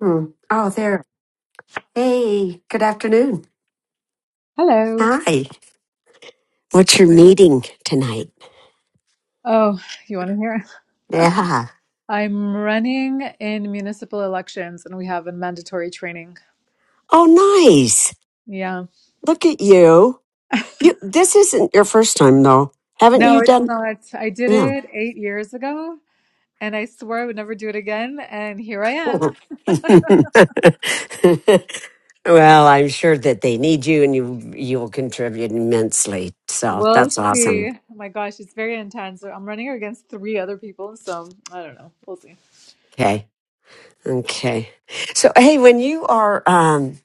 Hmm. Oh, there. Hey, good afternoon. Hello. Hi. What's your What- meeting tonight? Oh, you want to hear? Yeah. I'm running in municipal elections and we have a mandatory training. Oh, nice. Yeah. Look at you. You. This isn't your first time, though. Haven't No, you it's done? not. I did Yeah. it eight years ago and I swore I would never do it again. And here I am. well, I'm sure that they need you, and you you will contribute immensely. So We'll that's awesome. see. Oh my gosh, it's very intense. I'm running against three other people. So I don't know. We'll see. Okay. Okay. So hey, when you are um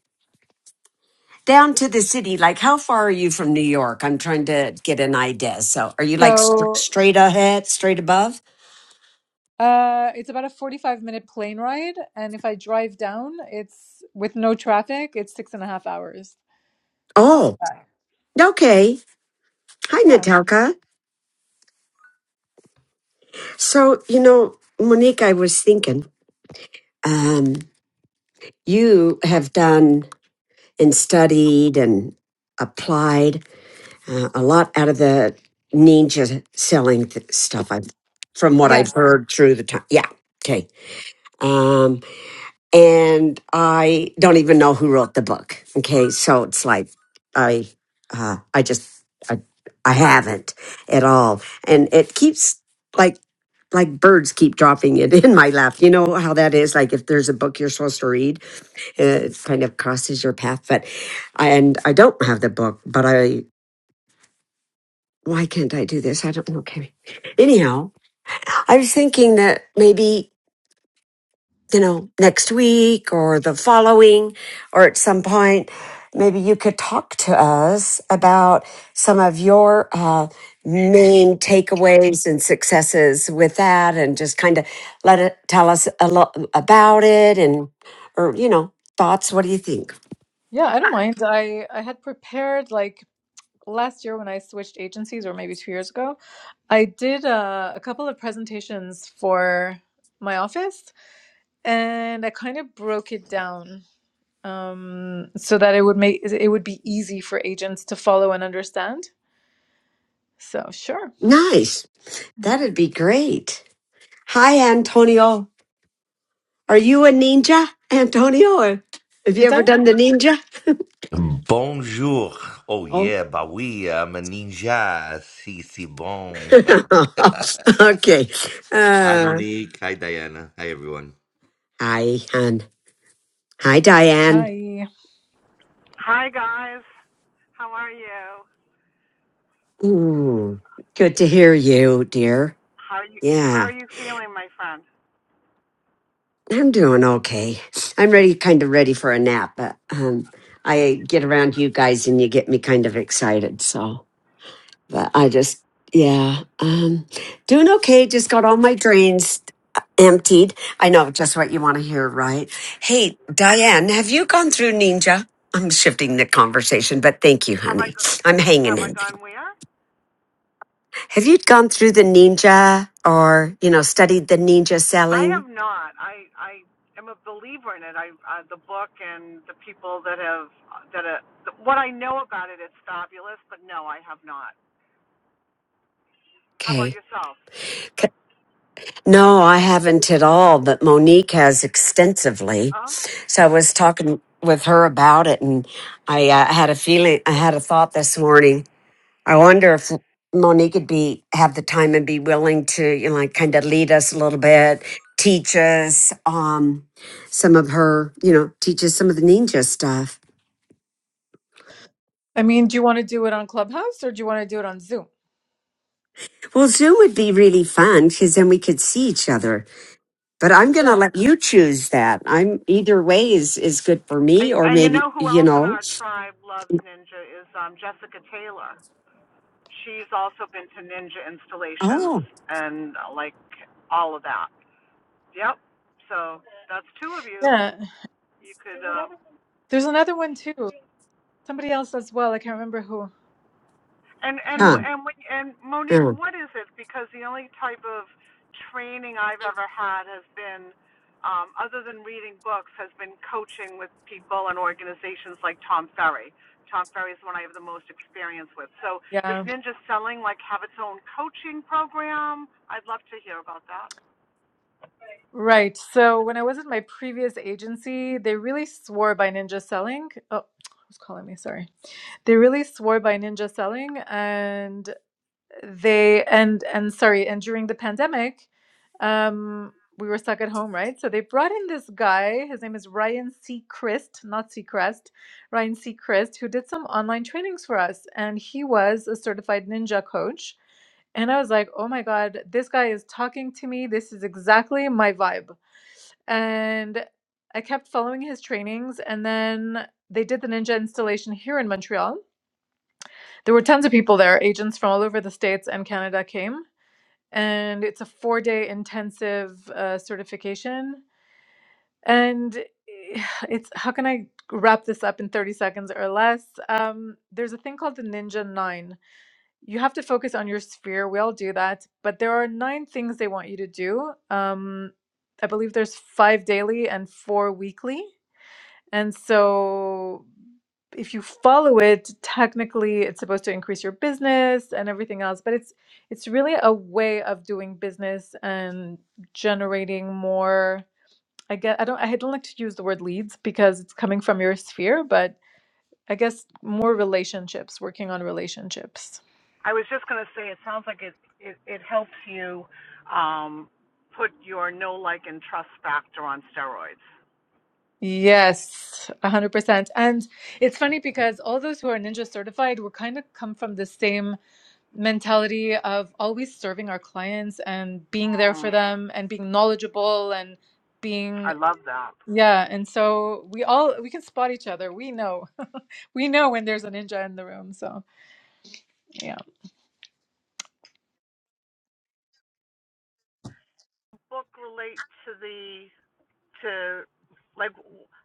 down to the city. Like, how far are you from New York? I'm trying to get an idea. So, are you like st- So straight ahead, straight above? uh, it's about a 45 minute plane ride. And if I drive down, it's with no traffic, it's six and a half hours. That's Oh, bad. okay. Hi, Yeah. Natalka. So, you know, Monique, I was thinking, um, you have done and studied and applied uh, a lot out of the ninja selling th- stuff. I've, from what I've Yes. heard through the time. Yeah. Okay. Um, and I don't even know who wrote the book. Okay, so it's like I, uh, I just, I, I haven't at all, and it keeps like, like birds keep dropping it in my lap. You know how that is. Like if there's a book you're supposed to read, it kind of crosses your path. But, and I don't have the book, but I. Why can't I do this? I don't know. Okay. Anyhow, I was thinking that maybe. you know, next week or the following or at some point, maybe you could talk to us about some of your uh, main takeaways and successes with that and just kind of let it tell us a lot about it and, or, you know, thoughts. What do you think? Yeah, I don't mind. I I had prepared like last year when I switched agencies, or maybe two years ago. I did uh, a couple of presentations for my office, and I kind of broke it down um, so that it would make it would be easy for agents to follow and understand. So sure, Nice. Mhm. That'd be great. Hi, Antonio. Are you a ninja, Antonio? Or have is you ever that done the ninja? Bonjour. Oh Oh, yeah, bah oui, I'm a ninja. Si, si, bon. okay. Hi, Uh, Monique. Hi, Diana. Hi, everyone. Hi, hon. Hi, Diane. hi? Hi guys, how are you? Ooh, good to hear you, dear. How are you? How are Yeah, you feeling, my friend? I'm doing okay. I'm ready, kind of ready for a nap, but um, I get around you guys and you get me kind of excited. So, but I just, yeah, um, doing okay. Just got all my drains uh, emptied. I know just what you want to hear, right? Hey, Diane, have you gone through Ninja? I'm shifting the conversation, but thank you, Have I honey. I'm hanging have in there. I gone where? Have you gone through the ninja or, you know, studied the ninja I selling? have not. I I am a believer in it. I uh, the book and the people that have that uh, what I know about it is fabulous. But no, I have not. How about Okay. yourself? C- No, I haven't at all, but Monique has extensively. Oh, So I was talking with her about it and I uh, had a feeling, I had a thought this morning. I wonder if Monique would be, have the time and be willing to, you know, like kind of lead us a little bit, teach us, um, some of her, you know, teach us some of the ninja stuff. I mean, do you want to do it on Clubhouse or do you want to do it on Zoom? Well, Zoom would be really fun because then we could see each other but I'm going to Yeah, let you choose that. I'm either way is is good for and, me, or and you maybe know who you else in know. our tribe loves ninja is um, Jessica Taylor. She's also been to ninja installations Oh, and uh, like all of that. Yep. So that's two of you. yeah. You could uh, There's another one too. Somebody else as well. I can't remember who. I and can't and huh? remember. and when, and Monique, mm, what is it? Because the only type of training I've ever had has been, um, other than reading books, has been coaching with people and organizations like Tom Ferry. Tom Ferry is the one I have the most experience with. So Yeah. does Ninja Selling like have its own coaching program? I'd love to hear about that. Right. So when I was at my previous agency, they really swore by ninja selling. Oh, who's calling me? Sorry. They really swore by ninja selling, and they and and sorry and during the pandemic um we were stuck at home right so they brought in this guy his name is ryan seacrest not seacrest ryan seacrest who did some online trainings for us and he was a certified ninja coach and i was like oh my god this guy is talking to me this is exactly my vibe and i kept following his trainings and then they did the ninja installation here in montreal there were tons of people there. Agents from all over the States and Canada came. And it's a four day intensive uh, certification. And eh, it's how can I wrap this up in 30 seconds or less? Um, there's a thing called the Ninja Nine. You have to focus on your sphere. We all do that. But there are nine things they want you to do. Um, I believe there's five daily and four weekly. And so if you follow it, technically it's supposed to increase your business and everything else, but it's it's really a way of doing business and generating more I guess I don't I don't like to use the word leads because it's coming from your sphere, but I guess more relationships, working on relationships. I was just going to say, it sounds like it, it, it helps you um, put your no like, and trust factor on steroids. Yes, 100%. And it's funny because all those who are ninja certified were kind of come from the same mentality of always serving our clients and being there for Mm, them and being knowledgeable and I being love that. yeah and so we all we can spot each other we know we know when there's a ninja in the room so yeah Does the Book relate to the to like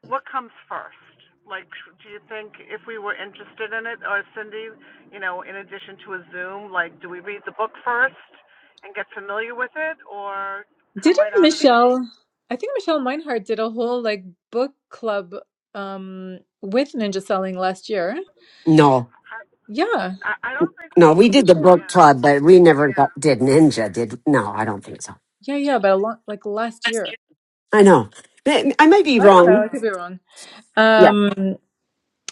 what comes first? Like, do you think if we were interested in it, or Cindy, you know, in addition to a Zoom, like, do we read the book first and get familiar with it, or come didn't right out of the gate? michelle i think michelle meinhardt did a whole like book club um with ninja selling last year No, yeah I, I don't think. no. We pretty did the sure. book club, but we never got, did ninja. Did no? I don't think so. yeah yeah but a lot like last year I know. I I might be i don't know wrong. i could be wrong Yeah. um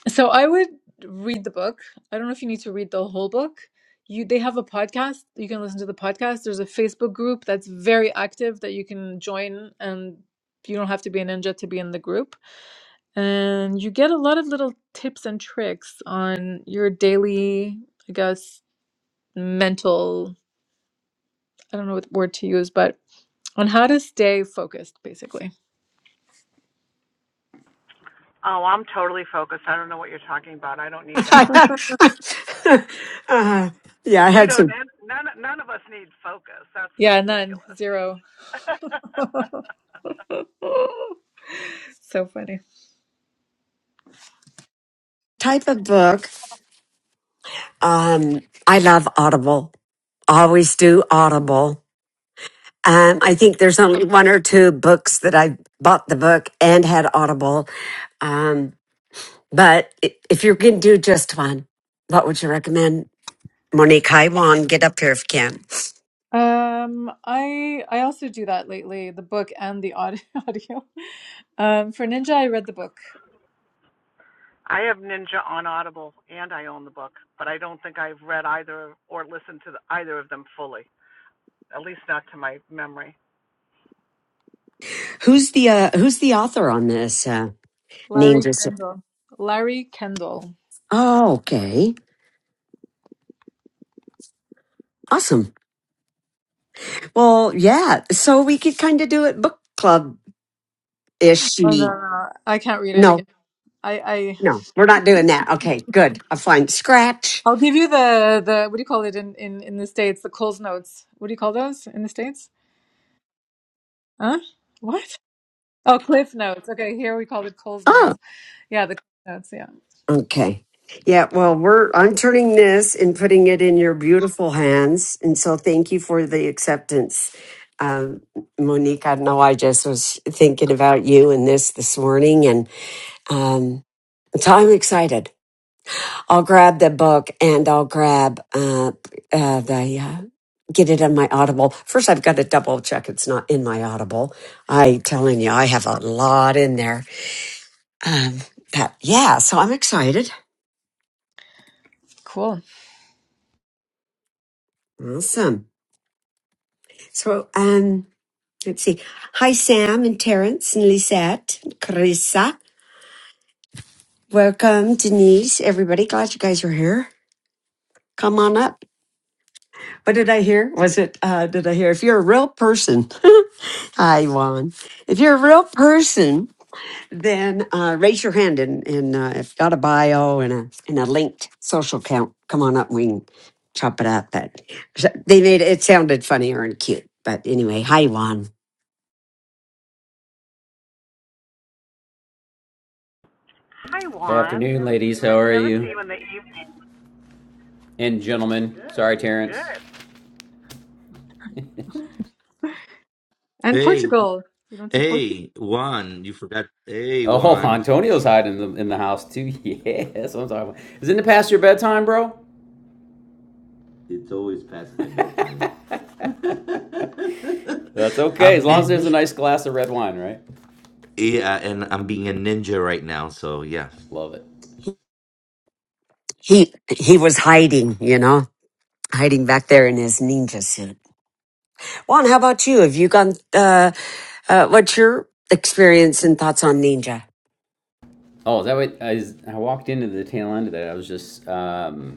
So I would read the book. I don't know if you need to read the whole book. You they have a podcast. You can listen to the podcast. There's a Facebook group that's very active that you can join and you don't have to be a ninja to be in the group. And you get a lot of little tips and tricks on your daily, I guess, mental, I don't know what word to use, but on how to stay focused basically. Oh, I'm totally focused. I don't know what you're talking about. I don't need that. uh, yeah, I We had don't. some None. None of us need focus. That's Yeah, none, ridiculous. zero. so funny. type of book. Um, I love Audible. Always do Audible. Um, I think there's only one or two books that I bought the book and had Audible Um, but i- if you can do just one, what would you recommend? Monique, hi Juan, get up here if you can. Um, I I also do that lately, the book and the audio. audio. Um, for Ninja, I read the book. I have Ninja on Audible, and I own the book, but I don't think I've read either or listened to the, either of them fully. At least not to my memory. Who's the uh, who's the author on this? Uh, name Larry just. Kendall. Larry Kendall. Oh, okay, awesome. Well, yeah. So we could kind of do it book club ish. Oh no, no, No, no. I can't read it again. I I no, we're not doing that. Okay, good. I'm fine. Scratch. I'll give you the the what do you call it in in in the states? The Coles notes. What do you call those in the states? Huh? What? Oh, Cliff notes. Okay, here we call it Coles Oh, notes. Yeah, the Cliff notes. Yeah, Okay. Yeah, well, we're I'm turning this and putting it in your beautiful hands, and so thank you for the acceptance, um, Monique. I know I just was thinking about you and this this morning, and um, so I'm excited. I'll grab the book and I'll grab uh, uh, the uh, get it on my Audible. First, I've got to double check it's not in my Audible. I telling you, I have a lot in there. Um, but yeah, so I'm excited. cool. Awesome. So, um, let's see. Hi, Sam and Terrence and Lisette and Carissa. Welcome, Denise, everybody. Glad you guys are here. Come on up. What did I hear? Was it, uh, did I hear? If you're a real person, hi, Juan. If you're a real person, then uh, raise your hand and, and uh, if got a bio and a, and a linked social account, come on up. and We can chop it up. But so, they made it, it sounded funnier and cute. But anyway, hi, Juan. Hi, Good Juan. afternoon, ladies. How I are never see you? you in the evening. And gentlemen. Sorry, Terrence. Good. And Hey, Portugal. You don't see Portugal. hey, Juan, you forgot. Hey, Oh, Juan. Antonio's hiding in the, in the house too. Yeah, that's what I'm talking about. Is it in the past your bedtime, bro? It's always past my bedtime. That's okay, as I'm long as nin. there's a nice glass of red wine, right? yeah, Yeah, and and I'm I'm being being a an ninja right now. So yeah, Love it. He he was hiding, you know, hiding back there in his ninja suit. Juan, how about you? Have you gone? Uh, uh, what's your experience and thoughts on ninja? Oh, is that what I, I walked into the tail end of that? I was just um,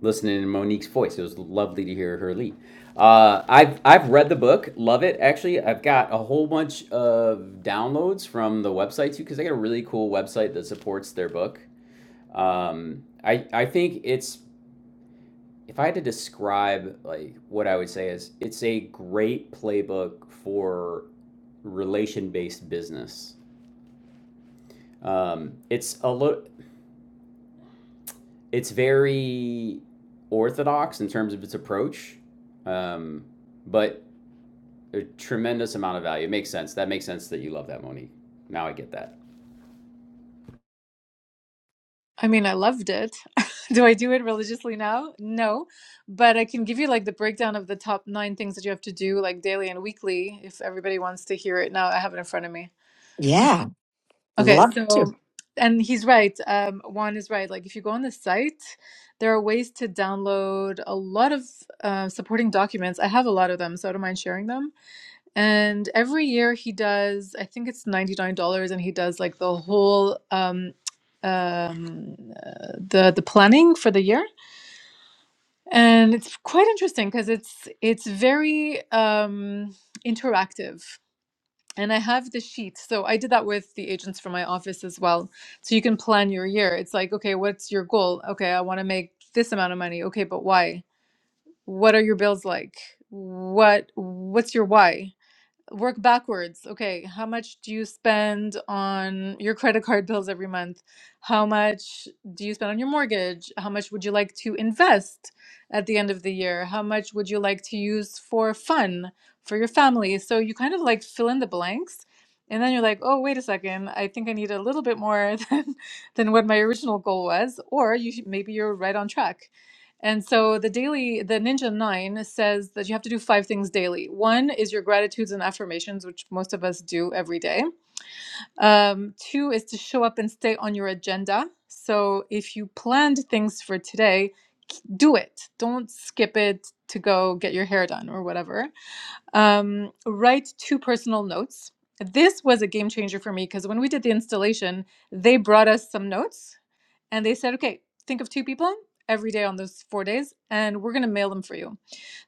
listening to Monique's voice. It was lovely to hear her lead. Uh, I've I've read the book, love it. Actually, I've got a whole bunch of downloads from the website too because I got a really cool website that supports their book. Um, I I think it's if I had to describe like what I would say is it's a great playbook for relation based business. Um, it's a little it's very orthodox in terms of its approach, um, but a tremendous amount of value. It makes sense. That makes sense that you love that, Monique. Now I get that. I mean, I loved it. Do I do it religiously now? No, but I can give you like the breakdown of the top nine things that you have to do, like daily and weekly, if everybody wants to hear it. Now I have it in front of me. Yeah, Okay, love to. so, and he's right. Um, Juan is right. Like, if you go on the site, there are ways to download a lot of uh, supporting documents. I have a lot of them, so I don't mind sharing them. And every year he does, I think it's $99 and he does like the whole um um uh, the the planning for the year. And it's quite interesting because it's it's very um interactive. And I have the sheet. So I did that with the agents from my office as well. So you can plan your year. It's like, okay, what's your goal? Okay, I want to make this amount of money. Okay, but why? What are your bills like? What what's your why? work backwards. Okay, how much do you spend on your credit card bills every month? How much do you spend on your mortgage? How much would you like to invest at the end of the year? How much would you like to use for fun for your family? So you kind of like fill in the blanks. And then you're like, oh, wait a second. I think I need a little bit more than, than what my original goal was. Or you maybe you're right on track. And so the daily, the Ninja Nine says that you have to do five things daily. One is your gratitudes and affirmations, which most of us do every day. Um, two is to show up and stay on your agenda. So if you planned things for today, k- do it. Don't skip it to go get your hair done or whatever. Um, write two personal notes. This was a game changer for me because when we did the installation, they brought us some notes and they said, okay, think of two people every day on those four days, and we're going to mail them for you.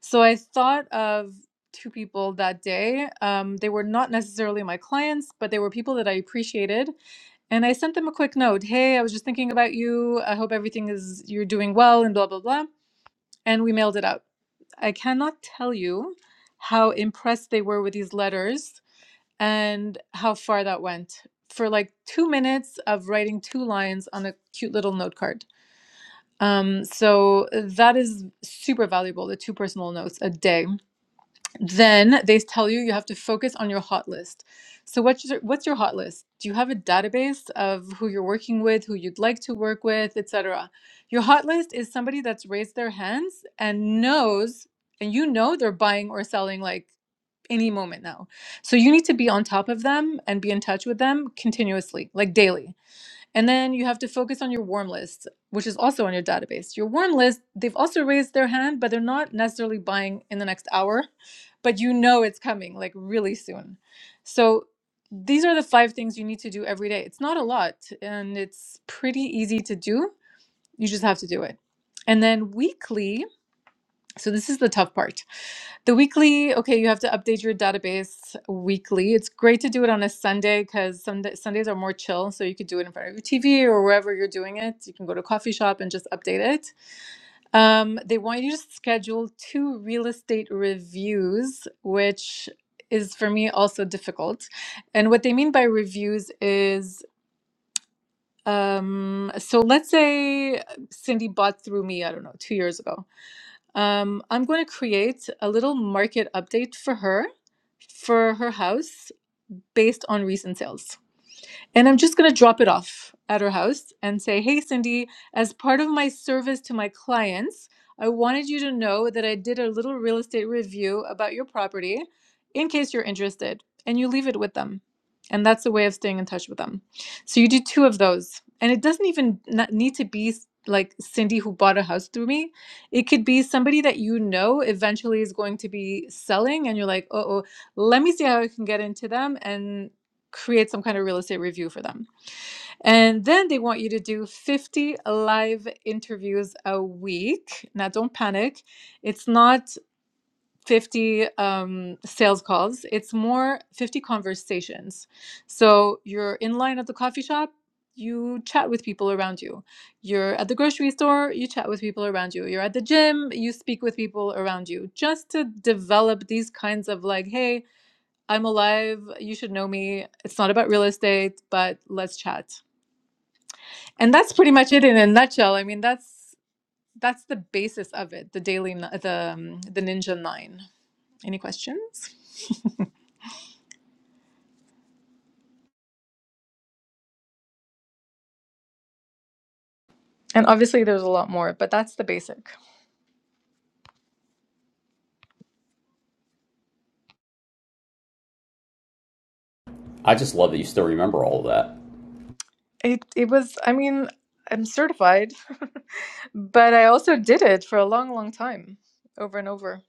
So I thought of two people that day. Um, they were not necessarily my clients, but they were people that I appreciated. And I sent them a quick note Hey, I was just thinking about you. I hope everything is, you're doing well, and blah, blah, blah. And we mailed it out. I cannot tell you how impressed they were with these letters and how far that went for like two minutes of writing two lines on a cute little note card. Um, so uh, that is super valuable, the two personal notes a day. Then they tell you you have to focus on your hot list. So what's your, what's your hot list? Do you have a database of who you're working with, who you'd like to work with, etc.? Your hot list is somebody that's raised their hands and knows and you know they're buying or selling like any moment now. So you need to be on top of them and be in touch with them continuously, like daily. And then you have to focus on your warm list, which is also on your database. Your warm list, they've also raised their hand, but they're not necessarily buying in the next hour, but you know it's coming like really soon. So these are the five things you need to do every day. It's not a lot and it's pretty easy to do. You just have to do it. And then weekly, so this is the tough part. The weekly, okay, you have to update your database weekly. It's great to do it on a Sunday because Sunday, Sundays are more chill. So you could do it in front of your TV or wherever you're doing it. You can go to a coffee shop and just update it. Um, they want you to schedule two real estate reviews, which is for me also difficult. And what they mean by reviews is um, so let's say Cindy bought through me, I don't know, two years ago um, I'm going to create a little market update for her, for her house, based on recent sales. And I'm just going to drop it off at her house and say, Hey, Cindy, as part of my service to my clients, I wanted you to know that I did a little real estate review about your property in case you're interested. And you leave it with them. And that's a way of staying in touch with them. So you do two of those. And it doesn't even not need to be s- like Cindy who bought a house through me. It could be somebody that you know eventually is going to be selling, and you're like, oh, oh let me see how I can get into them. And create some kind of real estate review for them. And then they want you to do 50 live interviews a week. Now, don't panic. It's not 50 um, sales calls, it's more 50 conversations. So you're in line at the coffee shop. You chat with people around you. You're at the grocery store, you chat with people around you. You're at the gym, you speak with people around you just to develop these kinds of like, hey, I'm alive. You should know me. It's not about real estate, but let's chat. And that's pretty much it in a nutshell. I mean, that's that's the basis of it. The daily, n- the um, the Ninja Nine. Any questions? And obviously, there's a lot more, but that's the basic. I just love that you still remember all of that. It it was. I mean, I'm certified, but I also did it for a long, long time, over and over.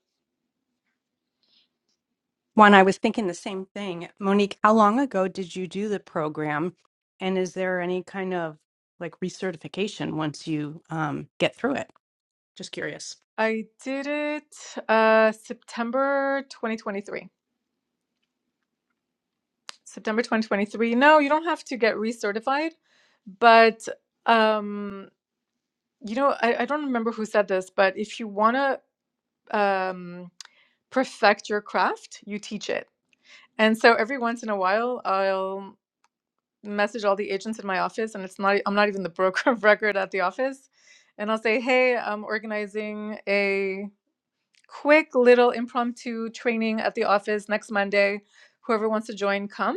Juan, I was thinking the same thing. Monique, how long ago did you do the program? And is there any kind of like recertification once you um, get through it? Just curious. I did it uh, September 2023. September 2023. No, you don't have to get recertified, but um, you know, I, I don't remember who said this, but if you want to um, perfect your craft, you teach it. And so every once in a while, I'll message all the agents in my office, and it's not, I'm not even the broker of record at the office. And I'll say, hey, I'm organizing a quick little impromptu training at the office next Monday. Whoever wants to join, come.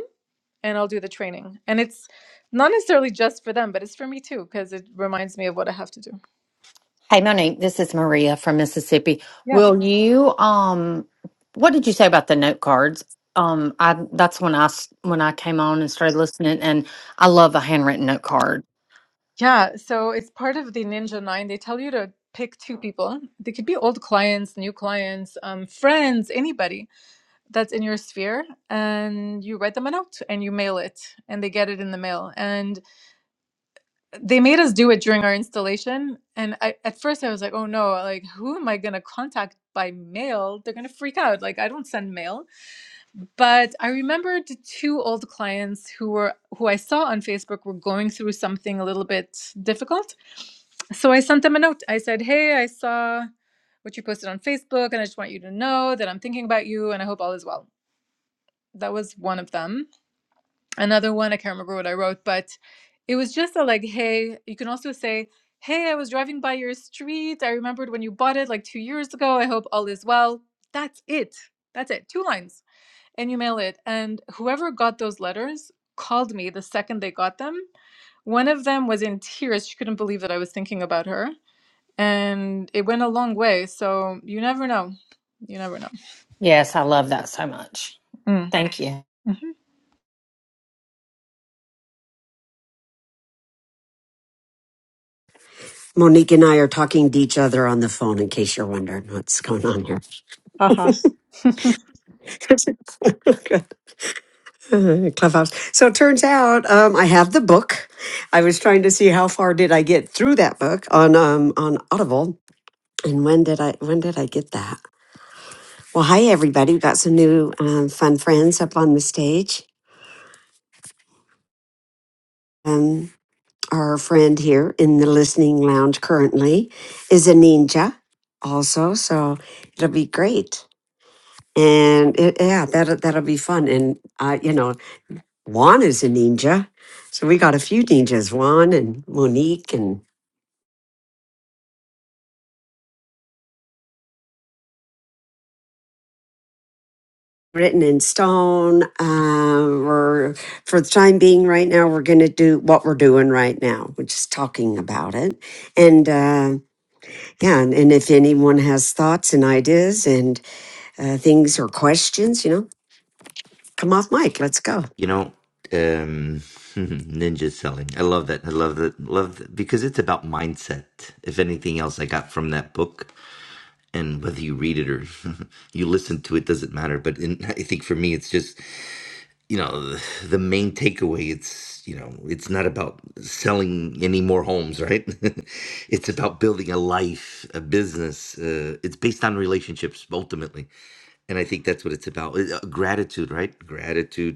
and I'll do the training. And it's not necessarily just for them, but it's for me too, because it reminds me of what I have to do. Hey Monique, this is Maria from Mississippi. Yes. Will you um what did you say about the note cards? Um I that's when I s- when I came on and started listening and I love a handwritten note card. Yeah, so it's part of the Ninja Nine. They tell you to pick two people. They could be old clients, new clients, um, friends, anybody that's in your sphere. And you write them a note and you mail it, and they get it in the mail. And they made us do it during our installation. And I, at first, I was like, oh no, like, who am I going to contact by mail? They're going to freak out. Like, I don't send mail. but I remembered two old clients who were who I saw on Facebook were going through something a little bit difficult. So I sent them a note. I said, "Hey, I saw what you posted on Facebook, and I just want you to know that I'm thinking about you, and I hope all is well." That was one of them. Another one, I can't remember what I wrote, but it was just a like, "Hey." You can also say, "Hey, I was driving by your street. I remembered when you bought it like two years ago. I hope all is well." That's it. That's it. Two lines and you mail it. And whoever got those letters called me the second they got them. One of them was in tears. She couldn't believe that I was thinking about her. And it went a long way. So you never know. You never know. Yes, I love that so much. Mm. Thank you. hmm Monique and I are talking to each other on the phone. In case you're wondering what's going on Haha. here. Clubhouse. So it turns out um, I have the book. I was trying to see how far did I get through that book on um, on Audible, and when did I when did I get that? Well, hi everybody. We've got some new um, fun friends up on the stage. Um, our friend here in the listening lounge currently is a ninja, also. So it'll be great, and it, yeah, that will that'll that'll be fun. And uh, you know, Juan is a ninja. So we got a few ninjas, Juan and Monique and Written in Stone. Uh, we're, for the time being right now, we're going to do what we're doing right now, which is talking about it. And uh, yeah, and, and if anyone has thoughts and ideas and uh, things or questions, you know, come off mic. Let's go. you know, um, ninja selling. I love that. I love that. Love that because it's about mindset. If anything else, I got from that book, and whether you read it or you listen to it doesn't matter. But in, I think for me, it's just you know the main takeaway it's you know it's not about selling any more homes right it's about building a life a business uh, it's based on relationships ultimately and i think that's what it's about Uh, gratitude right gratitude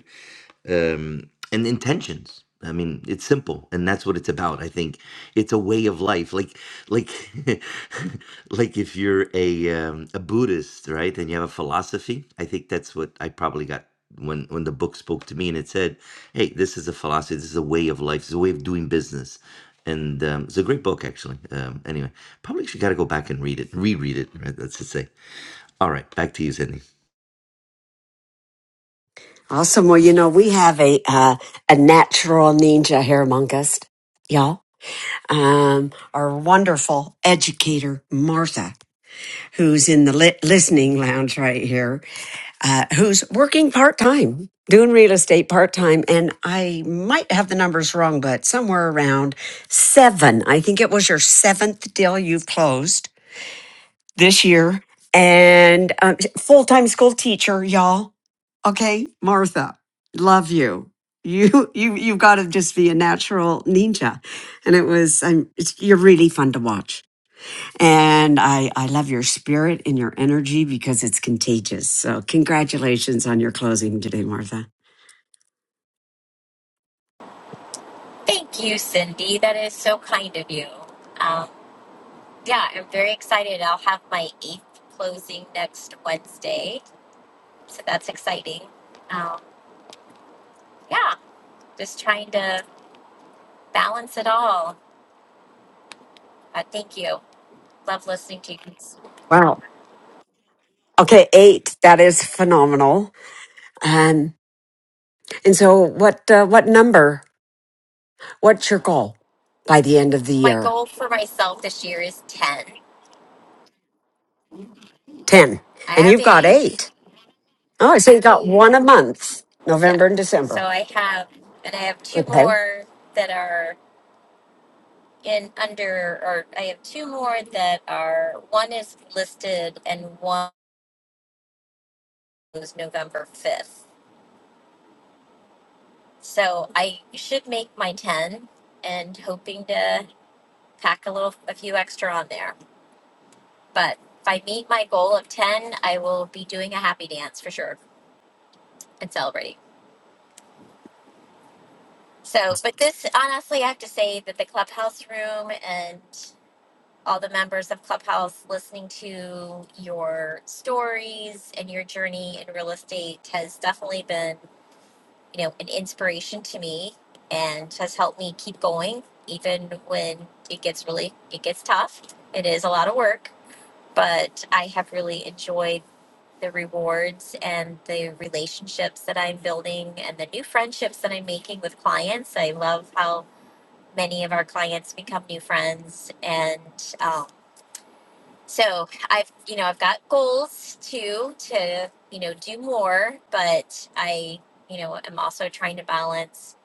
um, and intentions. I mean, it's simple, and that's what it's about. I think it's a way of life, like like like if you're a um, a Buddhist, right, and you have a philosophy. I think that's what I probably got when when the book spoke to me, and it said, "Hey, this is a philosophy. This is a way of life. This is a way of doing business." And um, it's a great book, actually. Um, anyway, probably should got to go back and read it, reread it. Right? That's to say. All right, back to you, Sydney. Awesome. Well, you know, we have a uh, a natural ninja here among us, y'all. Um, our wonderful educator, Martha. who's in the li- listening lounge right here, uh, who's working part time, doing real estate part time. And I might have the numbers wrong, but somewhere around seven. I think it was your seventh deal you've closed this year. And um, full time school teacher, y'all. Okay, Martha, love you. You you you've got to just be a natural ninja, and it was. I'm. It's, you're really fun to watch and I, I love your spirit and your energy because it's contagious. So, congratulations on your closing today, Martha. Thank you, Cindy. That is so kind of you. Um, yeah, I'm very excited. I'll have my eighth closing next Wednesday, so that's exciting. Um, yeah, just trying to balance it all. Uh, thank you. Love listening to you. guys. Wow. Okay, eight. That is phenomenal. Um, and so, what uh, what number? What's your goal by the end of the My year? goal for myself this year is ten. Ten. I And have you've got eight. eight. Oh, so you got one a month, Yeah, November and so December. I have, and I have two Okay. more that are in under, or I have two more that are. One is listed, and one. was November 5th. So I should make my 10 and hoping to pack a little, a few extra on there. But if I meet my goal of 10, I will be doing a happy dance for sure and celebrating. So, but this, honestly, I have to say that the clubhouse room and all the members of Clubhouse listening to your stories and your journey in real estate has definitely been you know, an inspiration to me and has helped me keep going even when it gets really it gets tough. It is a lot of work, but I have really enjoyed the rewards and the relationships that I'm building and the new friendships that I'm making with clients. I love how many of our clients become new friends and um, so i've you know i've got goals too to you know do more but i you know am also trying to balance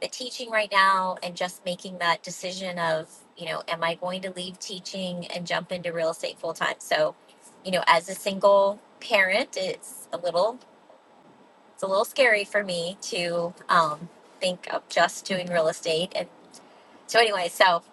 the teaching right now and just making that decision of you know am i going to leave teaching and jump into real estate full time so you know as a single parent it's a little it's a little scary for me to um, think of just doing real estate and so anyway, so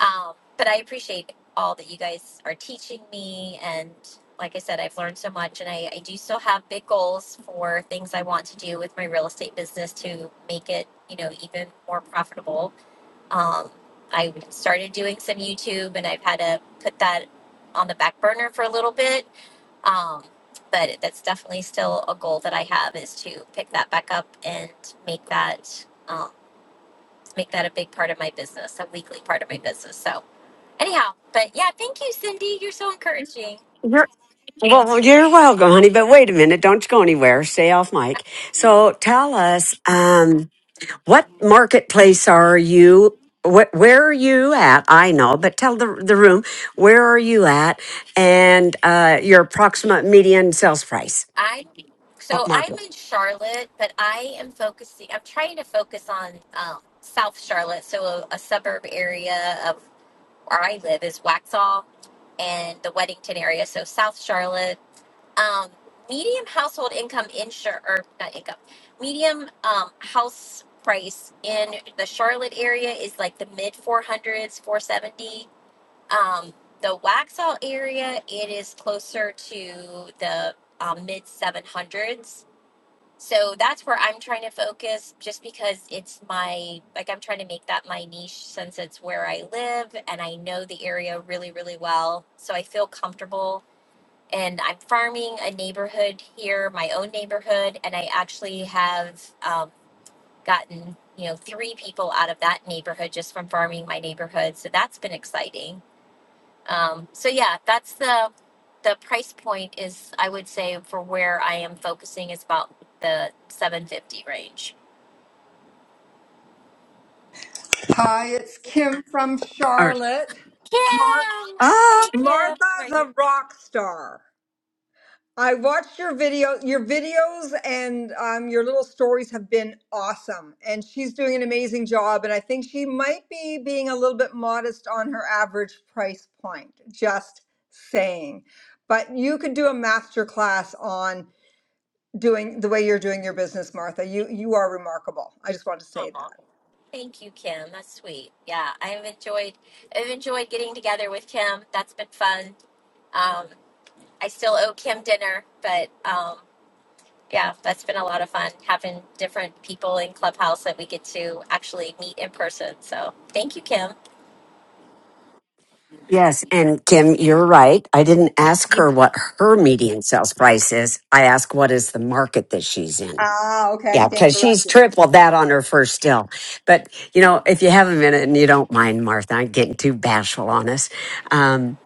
um, but I appreciate all that you guys are teaching me and like I said, I've learned so much and I, I do still have big goals for things I want to do with my real estate business to make it, you know, even more profitable. Um, I started doing some YouTube and I've had to put that on the back burner for a little bit. Um, but that's definitely still a goal that I have is to pick that back up and make that. um, make that a big part of my business, a weekly part of my business. So anyhow, but yeah, thank you, Cindy. You're so encouraging. Well, well, you're welcome, honey. But wait a minute. Don't go anywhere. Stay off mic. So tell us, um, what marketplace are you? What, where are you at? I know, but tell the, the room, where are you at? And, uh, your approximate median sales price. I What so I'm market? in Charlotte, but I am focusing. I'm trying to focus on um, South Charlotte, so a, a suburb area of where I live is Waxhaw and the Weddington area. So South Charlotte, um, medium household income insure or not income, medium um, house price in the Charlotte area is like the mid 400s, 470 Um, the Waxhaw area, it is closer to the um, mid 700s. So that's where I'm trying to focus just because it's my, like, I'm trying to make that my niche since it's where I live and I know the area really, really well. So I feel comfortable. And I'm farming a neighborhood here, my own neighborhood, and I actually have um, gotten, you know, three people out of that neighborhood just from farming my neighborhood. So that's been exciting um, so yeah, that's the the price point is I would say for where I am focusing is about the 750 range. Hi, it's Kim from Or, Charlotte. Mar- Kim, oh, hey Kim, how are Martha's you? a rock star. I watched your video, your videos, and um, your little stories have been awesome. And she's doing an amazing job. And I think she might be being a little bit modest on her average price point. Just saying. But you could do a master class on doing the way you're doing your business, Martha. You you are remarkable. I just want to say that. Thank you, Kim. That's sweet. Yeah, I have enjoyed I've enjoyed getting together with Kim. That's been fun. Um, I still owe Kim dinner, but um, yeah, that's been a lot of fun having different people in Clubhouse that we get to actually meet in person. So thank you, Kim. yes. And Kim, you're right. I didn't ask her what her median sales price is. I asked what is the market that she's in. Ah, okay, I Yeah, stand because she's corrected. tripled that on her first deal. But, you know, if you have a minute and you don't mind, Martha, I'm getting too bashful on us. Um,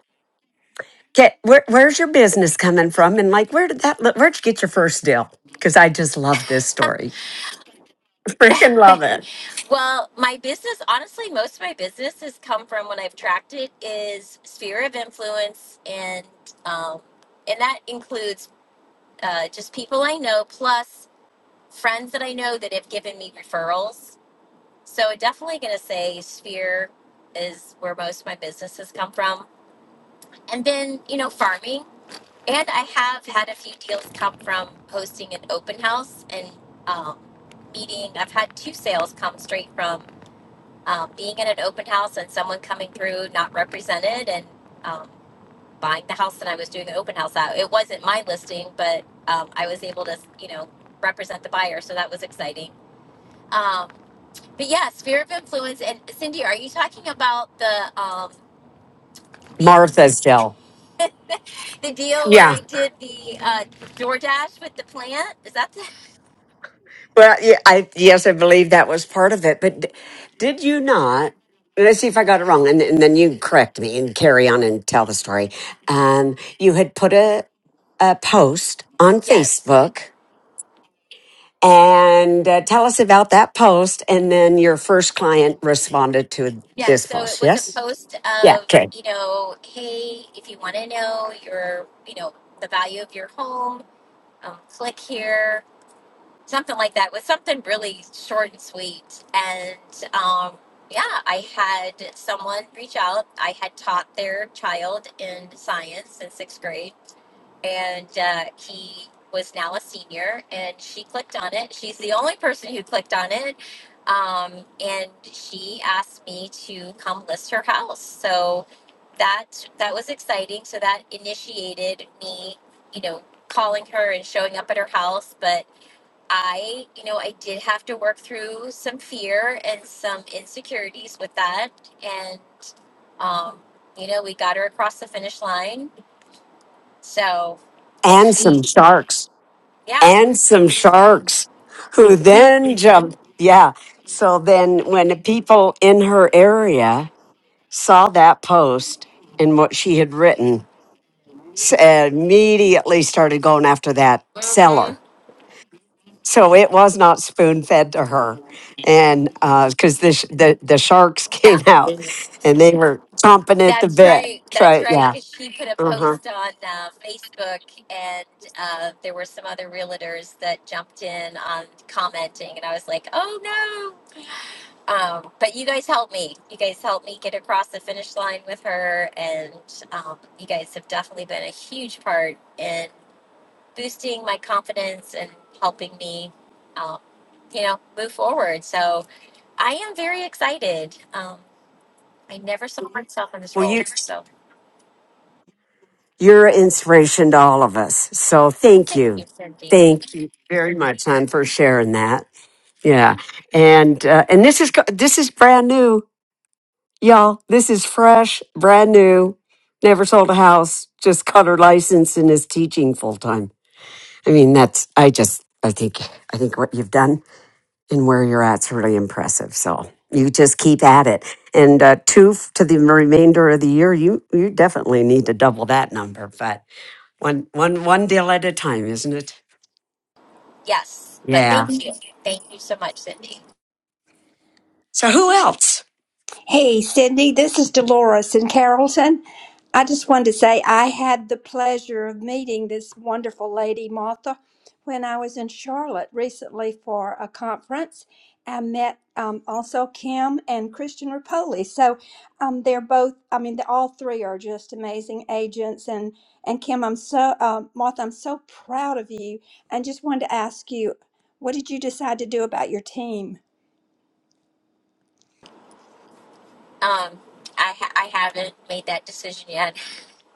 get, where, where's your business coming from? And like, where did that, look- where'd you get your first deal? Because I just love this story. Freaking love it. Well, my business, honestly, most of my business has come from when I've tracked it is sphere of influence, and um, and that includes uh, just people I know plus friends that I know that have given me referrals. So I'm definitely going to say sphere is where most of my business has come from, and then you know farming, and I have had a few deals come from hosting an open house and um, meeting. I've had two sales come straight from um, being at an open house and someone coming through not represented and um, buying the house that I was doing the open house at. It wasn't my listing, but um, I was able to, you know, represent the buyer. So that was exciting. Um, but yeah, sphere of influence. And Cindy, are you talking about the, um, the, Martha's deal. the deal where Yeah. I did the uh, DoorDash with the plant? Is that the, Well, yeah, I yes, I believe that was part of it. But d- did you not? Let's see if I got it wrong, and, and then you correct me and carry on and tell the story. Um, you had put a a post on yes. Facebook, and uh, tell us about that post. And then your first client responded to Yeah, this so it post. was a Yes. post Yeah. of, Okay. you know, hey, if you want to know your, you know, the value of your home, um, click here, something like that. It was something really short and sweet. And um, yeah, I had someone reach out. I had taught their child in science in sixth grade and uh, he was now a senior and she clicked on it she's the only person who clicked on it um, and she asked me to come list her house so that that was exciting so that initiated me you know calling her and showing up at her house but i you know i did have to work through some fear and some insecurities with that and um, you know we got her across the finish line so and And she some sharks. yeah. And some hmm sharks, who then jumped. Yeah. So then, when people in her area saw that post and what she had written, s- immediately started going after that seller. So it was not spoon fed to her, and because the sh the the sharks Yeah, came out and they were chomping at the that's bit. right. That's Try right. yeah. Because she put a Uh huh. post on uh, Facebook, and uh, there were some other realtors that jumped in on commenting, and I was like, "Oh no!" Um, but you guys helped me. You guys helped me get across the finish line with her, and um, you guys have definitely been a huge part in boosting my confidence and helping me, um, you know, move forward. So I am very excited. Um, I never saw myself in this Well, role. you So, you're an inspiration to all of us. So well, thank thank you, you, Cindy. thank you very much, hon, for sharing that. Yeah, and uh, and this is co- this is brand new Y'all, this is fresh, brand new, never sold a house, just got her license and is teaching full time. I mean, that's, I just, I think, I think what you've done and where you're at's really impressive. So you just keep at it. And uh, two f- to the remainder of the year, you, you definitely need to double that number, but one, one, one deal at a time, isn't it? Yes, but Yeah. thank you. Thank you so much, Cindy. So who else? Hey, Cindy, this is Dolores in Carrollton. I just wanted to say I had the pleasure of meeting this wonderful lady, Martha, when I was in Charlotte recently for a conference. I met um, also Kim and Christian Rapoli. So um, they're both, I mean, they- all three are just amazing agents. And, and Kim, I'm so, uh, Martha, I'm so proud of you. And just wanted to ask you, what did you decide to do about your team? Um, I, ha- I haven't made that decision yet.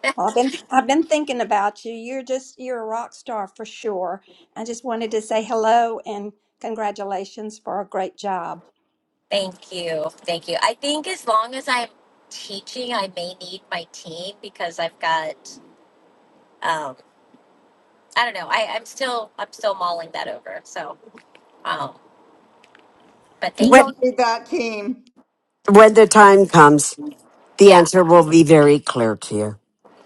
Well, I've been I've been thinking about you. You're just you're a rock star for sure. I just wanted to say hello and congratulations for a great job. thank you. Thank you. I think as long as I'm teaching, I may need my team because I've got, um, I don't know. I, I'm still, I'm still mulling that over. So, um, but You thank you. When, don't need that team. when the time comes, the Yeah. answer will be very clear to you.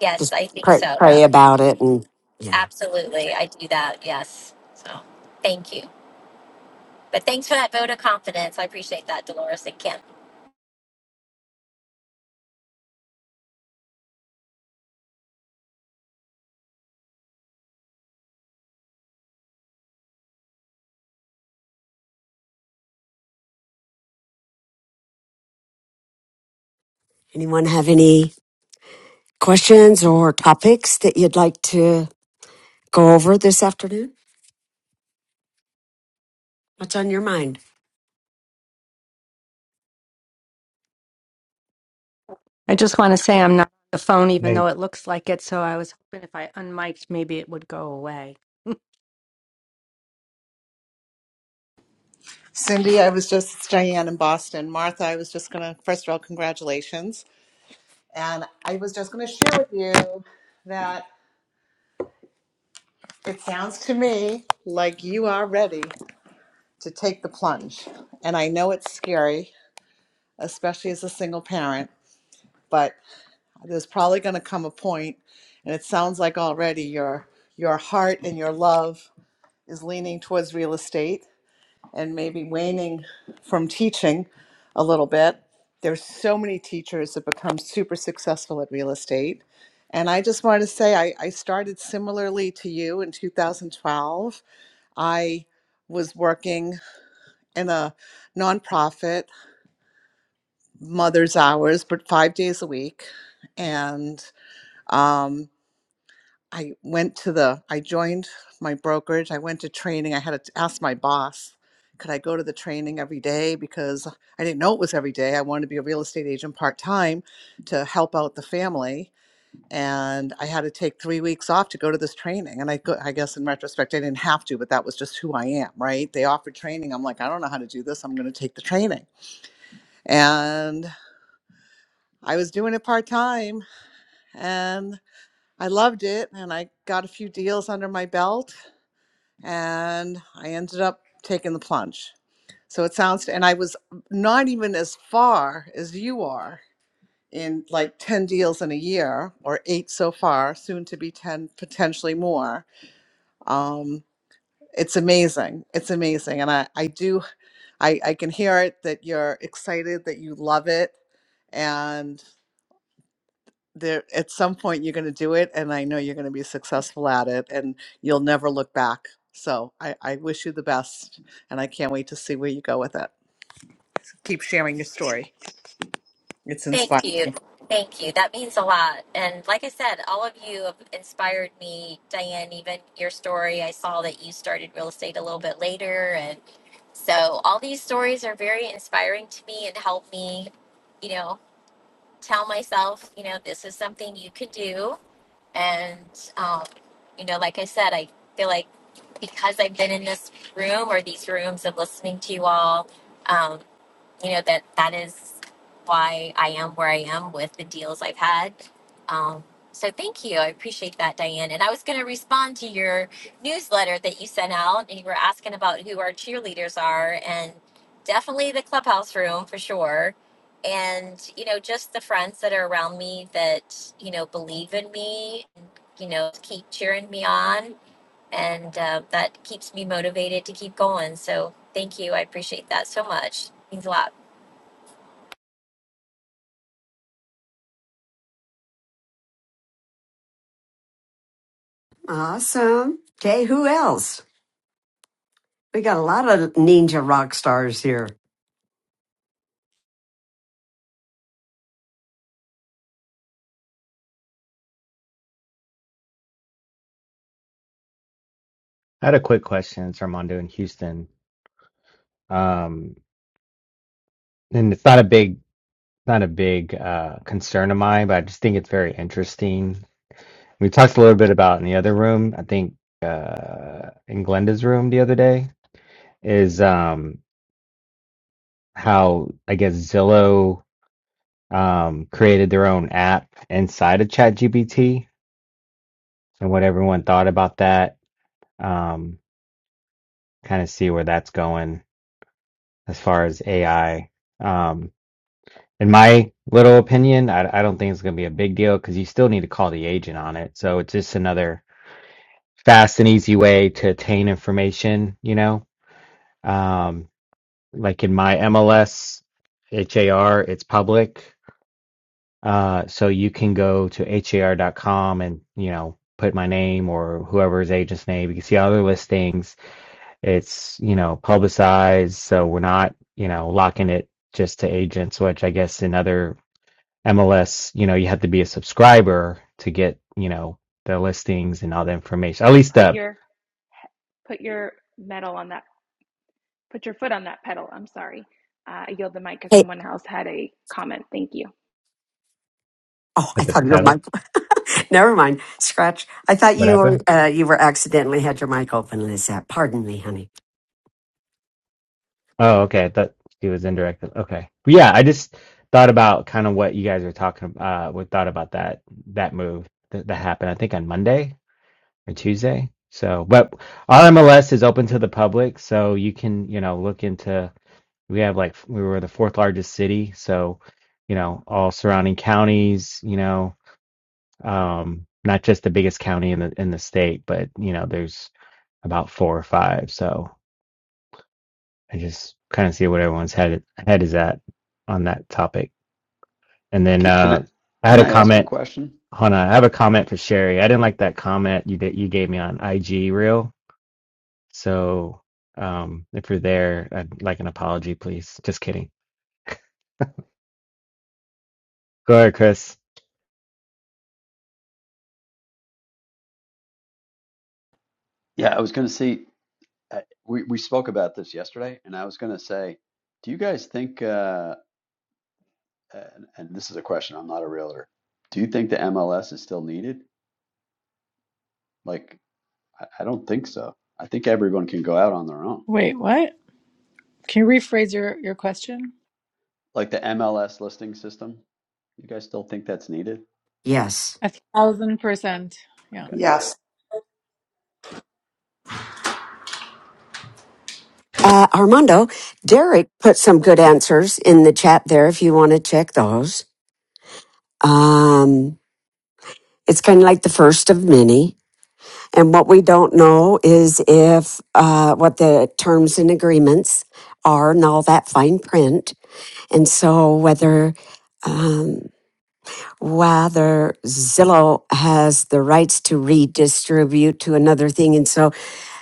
Yes, just I think pray, so. pray about it and yeah Absolutely. I do that. Yes. So thank you. But thanks for that vote of confidence. I appreciate that, Dolores and Kim. anyone have any questions or topics that you'd like to go over this afternoon what's on your mind I just want to say I'm not on the phone, even Hey, though it looks like it. So I was hoping if I unmiked, maybe it would go away. Cindy, I was just, it's Diane in Boston. Martha, I was just going to, first of all, congratulations. And I was just going to share with you that. It sounds to me like you are ready to take the plunge. And I know it's scary, especially as a single parent, but there's probably going to come a point and it sounds like already your your heart and your love is leaning towards real estate and maybe waning from teaching a little bit. There's so many teachers that become super successful at real estate. And I just wanted to say I, I started similarly to you in 2012 I was working in a nonprofit, mother's hours, but five days a week. And um, I went to the, I joined my brokerage. I went to training. I had to ask my boss, could I go to the training every day? Because I didn't know it was every day. I wanted to be a real estate agent part time to help out the family. and I had to take three weeks off to go to this training. And I, go, I guess in retrospect, I didn't have to, but that was just who I am, right? They offered training. I'm like, I don't know how to do this. I'm going to take the training. And I was doing it part time and I loved it. And I got a few deals under my belt and I ended up taking the plunge. So it sounds, and I was not even as far as you are in like 10 deals in a year or eight so far, soon to be 10, potentially more um, it's amazing it's amazing and i i do i i can hear it that you're excited that you love it and there at some point you're going to do it and i know you're going to be successful at it and you'll never look back so I, I wish you the best and i can't wait to see where you go with it keep sharing your story it's Thank inspiring you. Thank you. That means a lot. And like I said, all of you have inspired me. Diane, even your story, I saw that you started real estate a little bit later. And so all these stories are very inspiring to me and help me, you know, tell myself, you know, this is something you can do. And, um, you know, like I said, I feel like because I've been in this room or these rooms and listening to you all, um, you know that that is why I am where I am with the deals I've had. Um, so thank you, I appreciate that, Diane. And I was going to respond to your newsletter that you sent out, and you were asking about who our cheerleaders are, and definitely the clubhouse room for sure. And you know, just the friends that are around me that you know believe in me, you know, keep cheering me on, and uh, that keeps me motivated to keep going. So thank you, I appreciate that so much. It Means a lot. awesome okay who else we got a lot of ninja rock stars here I had a quick question, it's Armando in Houston. Um, and it's not a big, not a big uh, concern of mine, but I just think it's very interesting. We talked a little bit about in the other room, I think uh, in Glenda's room the other day, is um, how I guess Zillow um, created their own app inside of ChatGPT and what everyone thought about that. Um, kind of see where that's going as far as AI. in my little opinion, I, I don't think it's going to be a big deal because you still need to call the agent on it. So it's just another fast and easy way to obtain information, you know? Um, like in my MLS HAR, it's public. Uh, so you can go to HAR dot com and, you know, put my name or whoever's agent's name. You can see other listings. It's, you know, publicized. So we're not, you know, locking it just to agents, which I guess in other MLS, you know, you have to be a subscriber to get, you know, the listings and all the information. At least Put the your put your metal on that. Put your foot on that pedal. I'm sorry. Uh, I yield the mic because hey someone else had a comment. Thank you. oh i at the thought your pedal. mic never mind scratch i thought What you were happened? uh, you were accidentally had your mic open lizette pardon me honey Oh, okay. I thought she was indirected. Okay. But yeah, I just thought about kind of what you guys are talking about. Uh, what thought about that that move that, that happened? I think on Monday or Tuesday. So, but our MLS is open to the public, so you can, you know, look into. We have like we were the fourth largest city, so you know all surrounding counties, you know um, not just the biggest county in the in the state, but you know, there's about four or five. So I just kind of see what everyone's head head is at on that topic. And then Can, can I uh, I had can a I ask a comment. question? Hannah. I have a comment for Sherry. I didn't like that comment you that you gave me on IG reel. So um, if you're there, I'd like an apology, please. Just kidding. Go ahead, Chris. Yeah, I was going to see. I- We we spoke about this yesterday, and I was going to say, do you guys think? Uh, and, and this is a question. I'm not a realtor. Do you think the MLS is still needed? Like, I, I don't think so. I think everyone can go out on their own. Wait, what? Can you rephrase your, your question? Like the MLS listing system. You guys still think that's needed? yes A thousand percent. Yeah. Okay. Yes. uh, armando derek put some good answers in the chat there if you want to check those um It's kind of like the first of many. And what we don't know is if uh, what the terms and agreements are and all that fine print. And so whether um, whether Zillow has the rights to redistribute to another thing. And so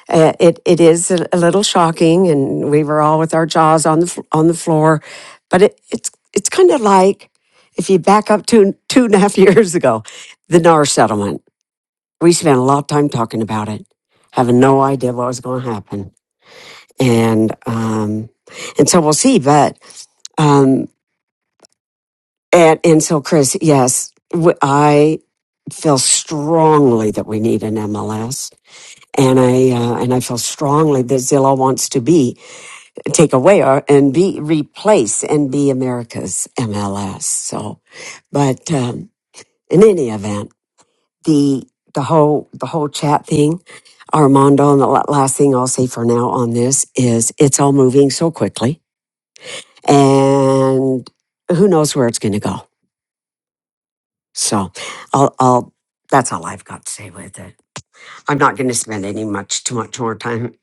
uh, it, it is a, a little shocking and we were all with our jaws on the, fl- on the floor, but it, it's, it's kind of like if you back up two, two and a half years ago, the NAR settlement we spent a lot of time talking about it, having no idea what was going to happen, and um, and so we'll see. But um, and and so Chris, yes, w- I feel strongly that we need an MLS, and I uh, and I feel strongly that Zillow wants to be take away our, and be replace and be America's MLS. So, but um, in any event. the the whole the whole chat thing, Armando, and the la- last thing I'll say for now on this is it's all moving so quickly, and who knows where it's going to go. So, I'll, I'll that's all I've got to say with it. I'm not going to spend any much too much more time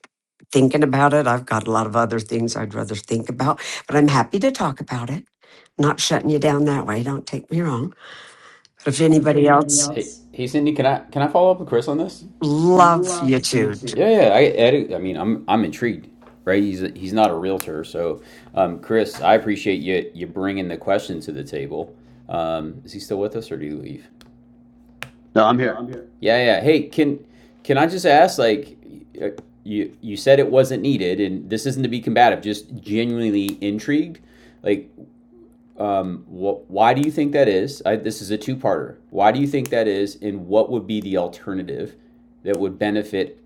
thinking about it. I've got a lot of other things I'd rather think about, but I'm happy to talk about it. Not shutting you down that way. Don't take me wrong. But if If anybody anybody else, else Hey, hey Cindy, can I can I follow up with Chris on this? love you, loves Jude. YouTube, Yeah, yeah. I, I, I mean, I'm I'm intrigued, right? He's a, he's not a realtor, so um, Chris, I appreciate you you bringing the question to the table. Um, is he still with us, or do you leave? No, I'm here. Yeah, yeah. Hey, can can I just ask, like, y- uh, you you said it wasn't needed, and this isn't to be combative, just genuinely intrigued. Like, um, wh- why do you think that is? I, this is a two-parter. Why do you think that is, and what would be the alternative that would benefit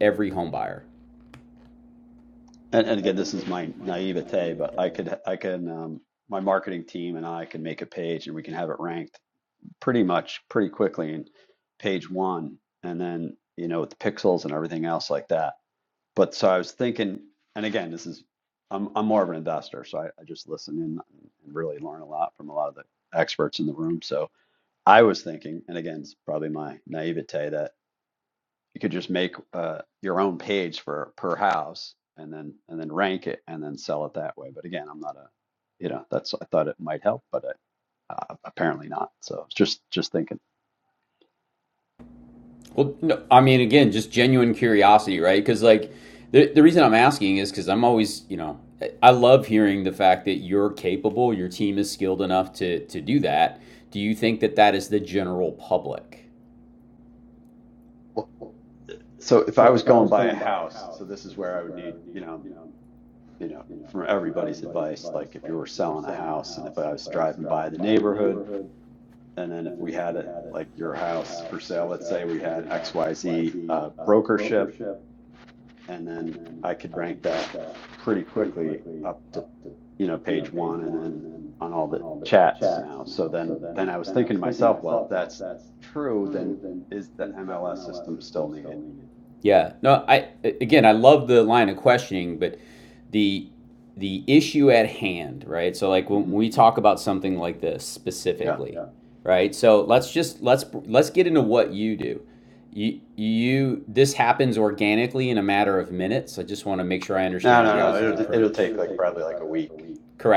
every home buyer? And and again, this is my naivete, but I could I can um, my marketing team and I can make a page, and we can have it ranked pretty much pretty quickly in page one, and then you know with the pixels and everything else like that. But so I was thinking, and again, this is I'm I'm more of an investor, so I, I just listen in and really learn a lot from a lot of the experts in the room. So I was thinking, and again, it's probably my naivete that you could just make uh, your own page for per house and then and then rank it and then sell it that way. But again, I'm not a you know that's I thought it might help, but I, uh, apparently not. So just just thinking. Well, no, I mean, again, just genuine curiosity, right? Because like the the reason I'm asking is because I'm always, you know, I love hearing the fact that you're capable, your team is skilled enough to to do that. Do you think that that is the general public? So if I was going by a house, so this is where I would need, you know, you know, from everybody's advice, like if you were selling a house and if I was driving by the neighborhood, and then if we had it like your house for sale, let's say we had XYZ uh, brokership, and then I could rank that pretty quickly up to, you know, page one and then on all the chats now. So then then I was thinking to myself, well, if that's true, then is the MLS system still needed? Yeah. No, I again, I love the line of questioning, but the the issue at hand, right? So like when Mhm. we talk about something like this specifically, Yeah. right? So let's just let's let's get into what you do. You you this happens organically in a matter of minutes. I just want to make sure I No, understand no, no. It'll it'll take like probably like a week,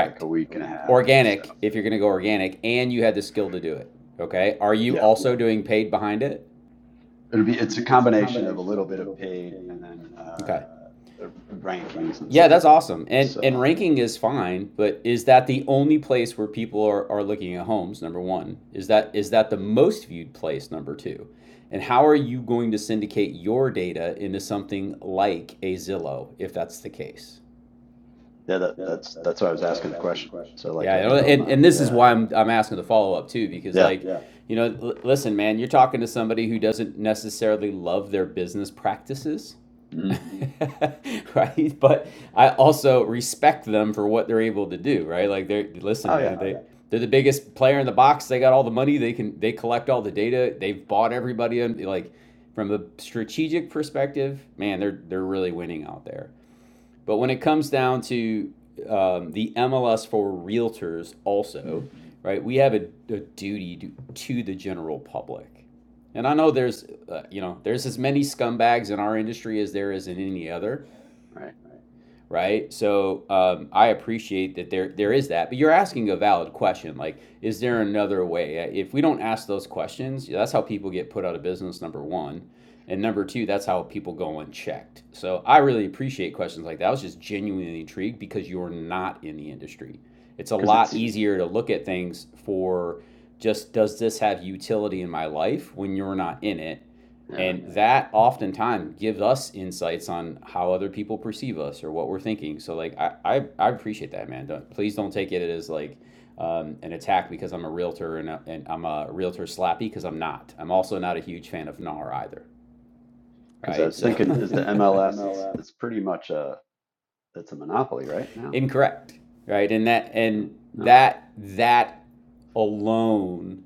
like a week and a half. So If you're going to go organic and you had the skill to do it, okay? Are you yeah, also doing paid behind it? it'll be it's a combination of a little bit of paid and then uh, the rankings and stuff. like- Awesome. And and So ranking is fine, but is that the only place where people are, are looking at homes? Number one, is that is that the most viewed place? Number two, and how are you going to syndicate your data into something like a Zillow if that's the case? yeah, that that's that's why I was asking the question. So like Yeah, I, you know, I'm and, not. and this is Yeah, why I'm, I'm asking the follow up too, because yeah. like you know, l- listen, man, you're talking to somebody who doesn't necessarily love their business practices, hmm right? But I also respect them for what they're able to do, right? Like they're listen, Oh yeah. man, they're the biggest player in the box. They got all the money. They can they collect all the data. They've bought everybody. like from a strategic perspective, man, they're they're really winning out there. But when it comes down to um, the MLS for realtors, Mm, also, right, we have a, a duty to, to the general public. And I know there's, uh, you know, there's as many scumbags in our industry as there is in any other right. right? So um, I appreciate that there there is that, but you're asking a valid question. Like, is there another way? Uh, If we don't ask those questions, yeah, that's how people get put out of business. Number one, and number two, that's how people go unchecked. So I really appreciate questions like that. I was just genuinely intrigued because you're not in the industry. It's a Because lot it's easier to look at things for just does this have utility in my life when you're not in it yeah. and that oftentimes gives us insights on how other people perceive us or what we're thinking. So like I I, I appreciate that, man. Don't, please don't take it as like um, an attack because I'm a realtor and, a, and I'm a realtor slappy because I'm not. I'm also not a huge fan of NAR either, Because I right? was So thinking, is the MLS? It's it's pretty much a it's a monopoly right now. incorrect, right? And that and No. that that alone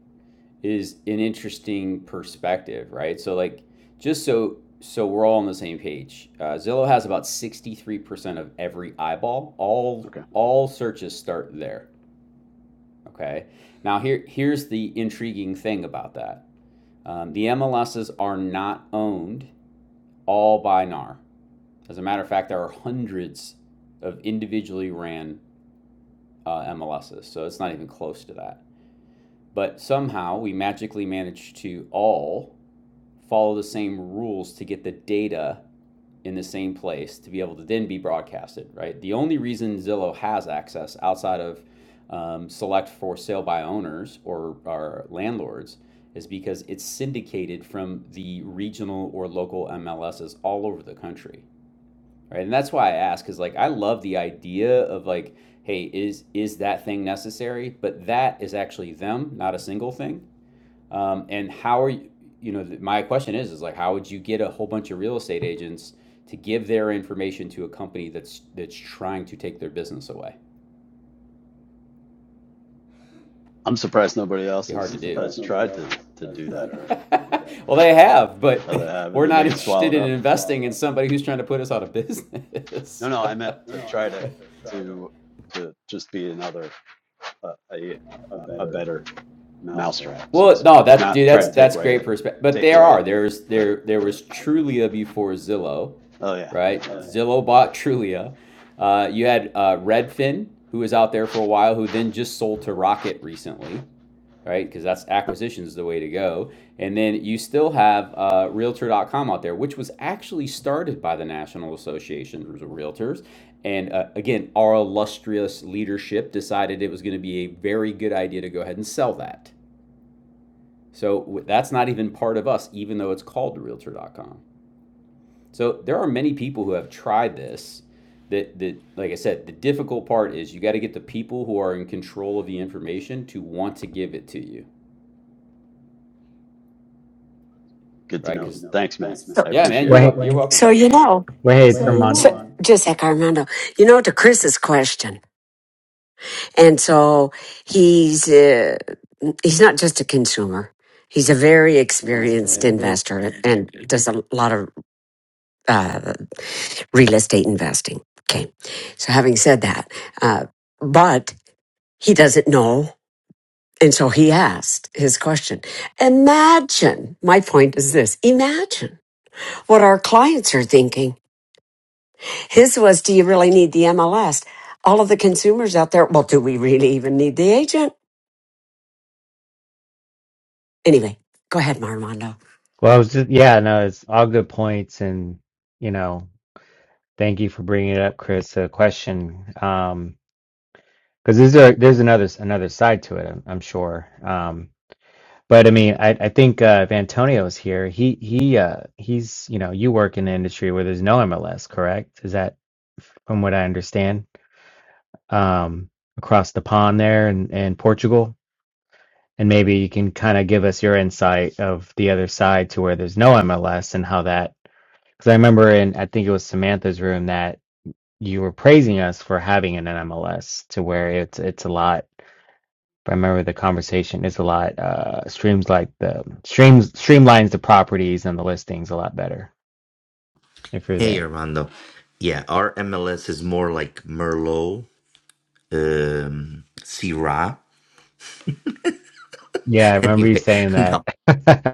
is an interesting perspective, right? So like just so so we're all on the same page. Uh, Zillow has about 63% of every eyeball. All Okay. all searches start there. Okay. Now here here's the intriguing thing about that. Um, the MLSs are not owned all by NAR. As a matter of fact, there are hundreds of individually ran uh, MLSs, so it's not even close to that. But somehow we magically manage to all follow the same rules to get the data in the same place to be able to then be broadcasted, right? The only reason Zillow has access outside of um, select for sale by owners or, our landlords is because it's syndicated from the regional or local MLSs all over the country, right? And that's why I ask is like I love the idea of like, hey, is is that thing necessary? But that is actually them, not a single thing um, and how are you, you know, my question is, is like, how would you get a whole bunch of real estate agents to give their information to a company that's that's trying to take their business away? I'm surprised nobody It'd else Be hard. has has tried to to do that already. Well, they have, but Oh, they have, and we're then they not get swallowed up. somebody who's trying to put us out of No, business. no, I meant that's to try to to to just be another uh, a a better mousetrap, so to speak. Not try to take away great that perspective. But take there away are there's the there there the was mouthpiece. Trulia before Zillow, Oh yeah, yeah, right? yeah. Zillow bought Trulia. Uh, you had uh, Redfin, who was out there for a while, who then just sold to Rocket recently right? Because that's acquisitions the way to go. And then you still have uh, Realtor dot com out there, which was actually started by the National Association of Realtors. And uh, again, our illustrious leadership decided it was going to be a very good idea to go ahead and sell that. So that's not even part of us, even though it's called Realtor dot com. So there are many people who have tried this. That, that, like I said, the difficult part is you got to get the people who are in control of the information to want to give it to you, Good right? to know. Thanks, man. I So, Yeah, man, appreciate it. you're you're Wait, welcome. so So, you know. so wait, Tremont. So, just like Armando, you know, to Chris's question, and so he's uh, he's not just a consumer; he's a very investor. experienced Yeah. investor and does a lot of uh, real estate investing. Okay, so having said that, uh, but he doesn't know. And so he asked his question. Imagine, my point is this imagine what our clients are thinking His was, do you really need the MLS? All of the consumers out there, well, do we really even need the agent? Anyway, go ahead, Armando. Well, I was just yeah, no, it's all good points, and you know. Thank you for bringing it up, Chris. A question, um, because there's a, there's another another side to it. I'm, I'm sure. Um, but I mean, I, I think uh, if Antonio's here, he he uh, he's you know you work in an industry where there's no MLS, correct? Is that from what I understand? Um, across the pond there in, in Portugal, and maybe you can kind of give us your insight of the other side to where there's no MLS and how that. Because I remember in I think it was Samantha's room that you were praising us for having an MLS to where it's it's a lot. If I remember the conversation, it's a lot uh streams like the streams streamlines the properties and the listings a lot better if you're Hey, there. Armando. Yeah, our MLS is more like Merlot um, C. Yeah, I remember you Anyway, saying no, that.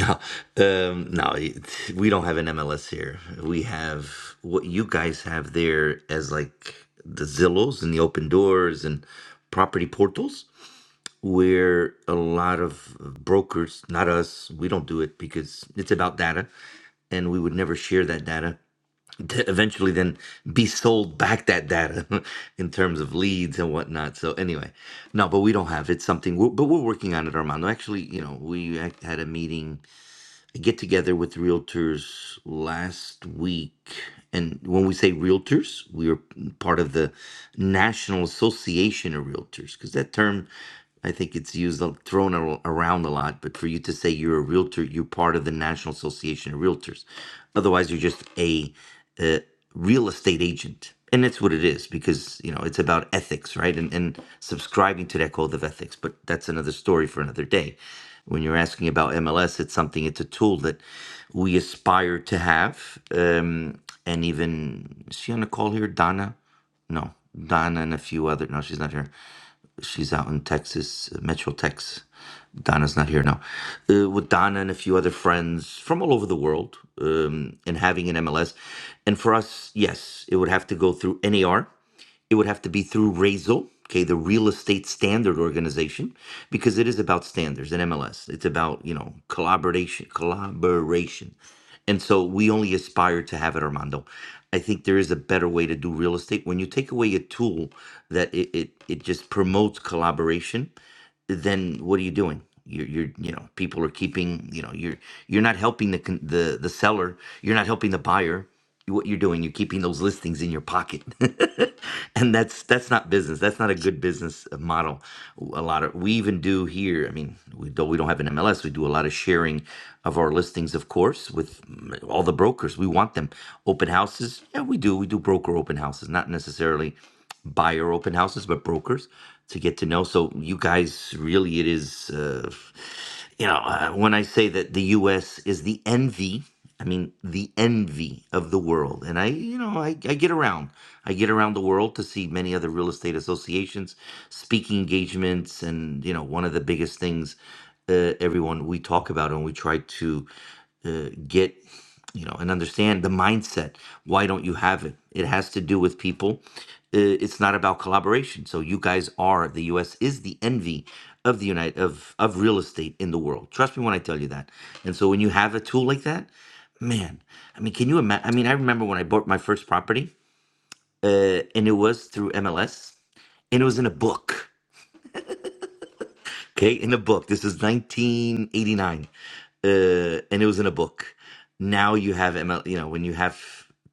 no, um, no. it- We don't have an MLS here. We have what you guys have there as like the Zillows and the open doors and property portals, where a lot of brokers, not us, we don't do it because it's about data, and we would never share that data to eventually then be sold back that data in terms of leads and whatnot. So anyway, no, but we don't have it's something. We're, but we're working on it, Armando. Actually, you know, we act- had a meeting, a get together with realtors last week, and when we say realtors, we are part of the National Association of Realtors because that term. I think it's used a- thrown ar- around a lot, but for you to say you're a realtor, you're part of the National Association of Realtors. Otherwise, you're just a uh, real estate agent. And that's what it is because, you know, it's about ethics, right? And, and subscribing to that code of ethics. But that's another story for another day. When you're asking about MLS, it's something, it's a tool that we aspire to have. Um, and even, is she on the call here? Donna? No, Donna and a few other. No, she's not here. She's out in Texas, uh, Metro Tex. Donna's not here now. Uh, with Donna and a few other friends from all over the world um, and having an MLS. And for us, yes, it would have to go through NAR it would have to be through RAISL, okay, the Real Estate Standard Organization, because it is about standards and MLS. It's about, you know, collaboration, collaboration. And so we only aspire to have it, Armando. I think there is a better way to do real estate. When you take away a tool that it, it, it just promotes collaboration, then what are you doing? You're, you're, you know, people are keeping, you know, you're, you're not helping the, con- the, the seller. You're not helping the buyer. What you're doing, you're keeping those listings in your pocket, and that's that's not business. That's not a good business uh, model. A lot of we even do here. I mean, we, though we don't have an MLS, we do a lot of sharing of our listings, of course, with mm, all the brokers. We want them open houses. Yeah, we do. We do broker open houses, not necessarily buyer open houses, but brokers to get to know. So you guys, really, it is, uh, you know, uh, when I say that the U.S. is the envy, I mean the envy of the world. And I, you know, I, I get around. I get around the world to see many other real estate associations, speaking engagements, and you know, one of the biggest things uh, everyone we talk about and we try to uh, get you know and understand the mindset why don't you have it it has to do with people Uh, it's not about collaboration so you guys are the us is the envy of the united of of real estate in the world trust me when i tell you that and so when you have a tool like that man i mean can you imagine i mean i remember when i bought my first property uh, and it was through mls and it was in a book Okay, in a book. This is 1989, uh, and it was in a book. Now you have ML. You know, when you have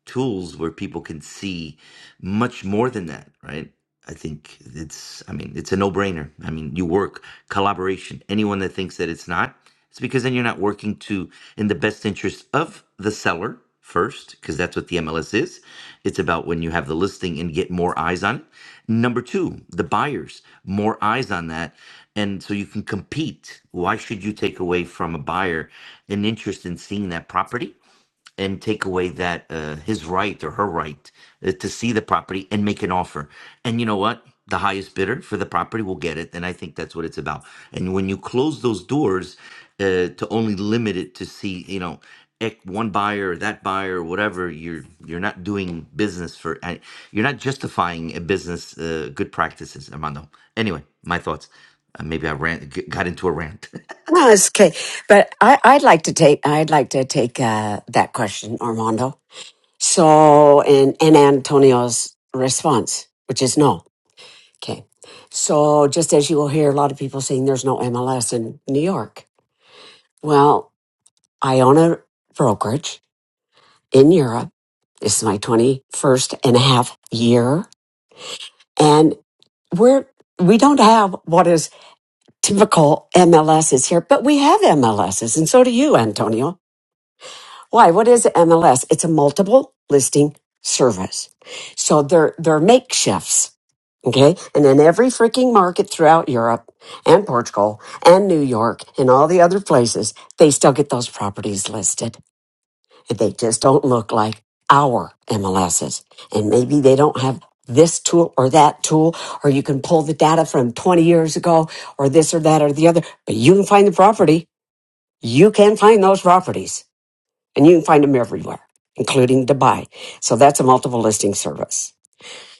tools where people can see much more than that, right? I think it's. I mean, it's a no-brainer. I mean, you work collaboration. Anyone that thinks that it's not, it's because then you're not working to in the best interest of the seller first, because that's what the MLS is. It's about when you have the listing and get more eyes on it. Number two, the buyers, more eyes on that. And so you can compete. Why should you take away from a buyer an interest in seeing that property? and take away that uh, his right or her right uh, to see the property and make an offer. And you know what? The highest bidder for the property will get it. And I think that's what it's about. And when you close those doors uh, to only limit it to see, you know, ec- one buyer or that buyer or whatever, you're you're not doing business for. I- You're not justifying a business uh, good practices, Armando. Anyway, my thoughts. Uh, maybe I ran, g- got into a rant. No, it's okay. But I, I'd like to take, I'd like to take uh, that question, Armando. So, and, and Antonio's response, which is no. Okay. So just as you will hear a lot of people saying there's no MLS in New York. Well, I own a brokerage in Europe. This is my 21st and a half year. and we're we don't have what is typical MLSs here, but we have MLSs, and so do you, Antonio. Why? What is MLS? It's a multiple listing service. So they're they're makeshifts, okay? And in every freaking market throughout Europe and Portugal and New York and all the other places, they still get those properties listed. They just don't look like our MLSs. And maybe they don't have this tool or that tool, or you can pull the data from 20 years ago, or this or that or the other, but you can find the property. You can find those properties and you can find them everywhere, including Dubai. So that's a multiple listing service.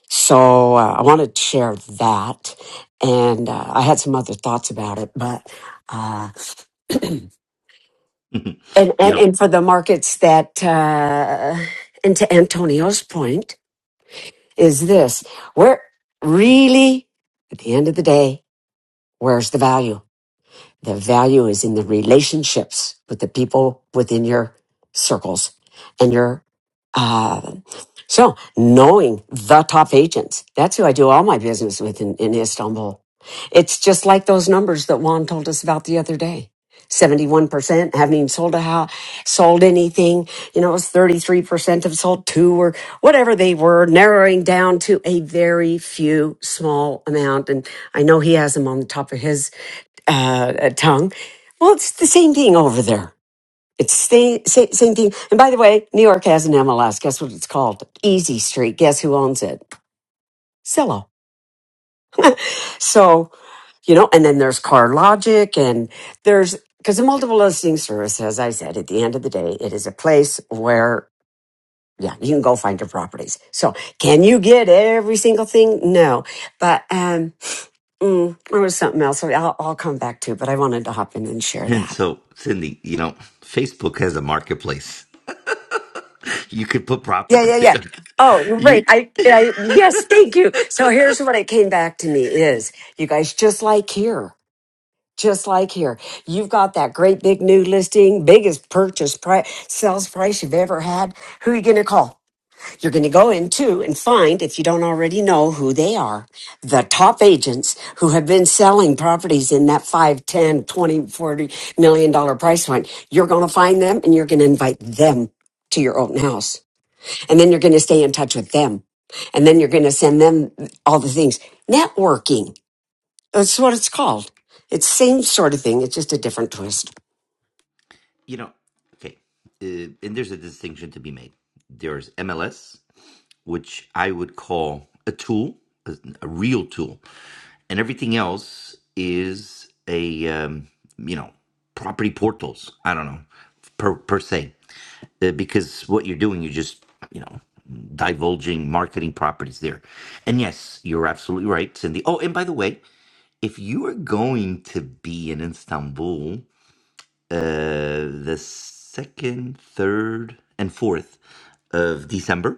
So uh, I wanted to share that. And uh, I had some other thoughts about it, but, uh, and, you and, know. and for the markets that, uh, and to Antonio's point, is this where really at the end of the day where's the value the value is in the relationships with the people within your circles and your uh, so knowing the top agents, that's who I do all my business with in, in Istanbul. It's just like those numbers that Juan told us about the other day. 71% haven't even sold a house, sold anything. You know, it was 33% have sold two or whatever they were, narrowing down to a very few small amount. And I know he has them on the top of his uh, uh, tongue. Well, it's the same thing over there it's the same, same thing. And by the way, New York has an MLS. Guess what it's called? Easy Street. Guess who owns it? Zillow. So, you know, and then there's Car Logic and there's, because the multiple listing service, as I said, at the end of the day, it is a place where, yeah, you can go find your properties. So can you get every single thing? No. But, um, mm, there was something else. I'll, I'll come back to, but I wanted to hop in and share And that. so, Cindy, you know, Facebook has a marketplace. You could put Yeah, property. yeah, Th- yeah. Oh, you're You, right. I, I, yes, thank you. So here's what it came back to me is you guys just like here, just like here. You've got that great big new listing, biggest purchase price, sales price you've ever had. Who are you going to call? You're going to go into and find, if you don't already know who they are, the top agents who have been selling properties in that five, ten, twenty, forty million dollar price point. You're going to find them and you're going to invite them to your open house and then you're going to stay in touch with them. And then you're going to send them all the things. Networking. That's what it's called. It's the same sort of thing. It's just a different twist. you know, okay. Uh, and there's a distinction to be made. There's MLS which I would call a tool, a, a real tool, and everything else is a um, you know property portals. I don't know per per se, uh, because what you're doing, you're just you know divulging marketing properties there. And yes, you're absolutely right, Cindy. Oh, and by the way, if you are going to be in Istanbul uh, the second, third, and fourth of December.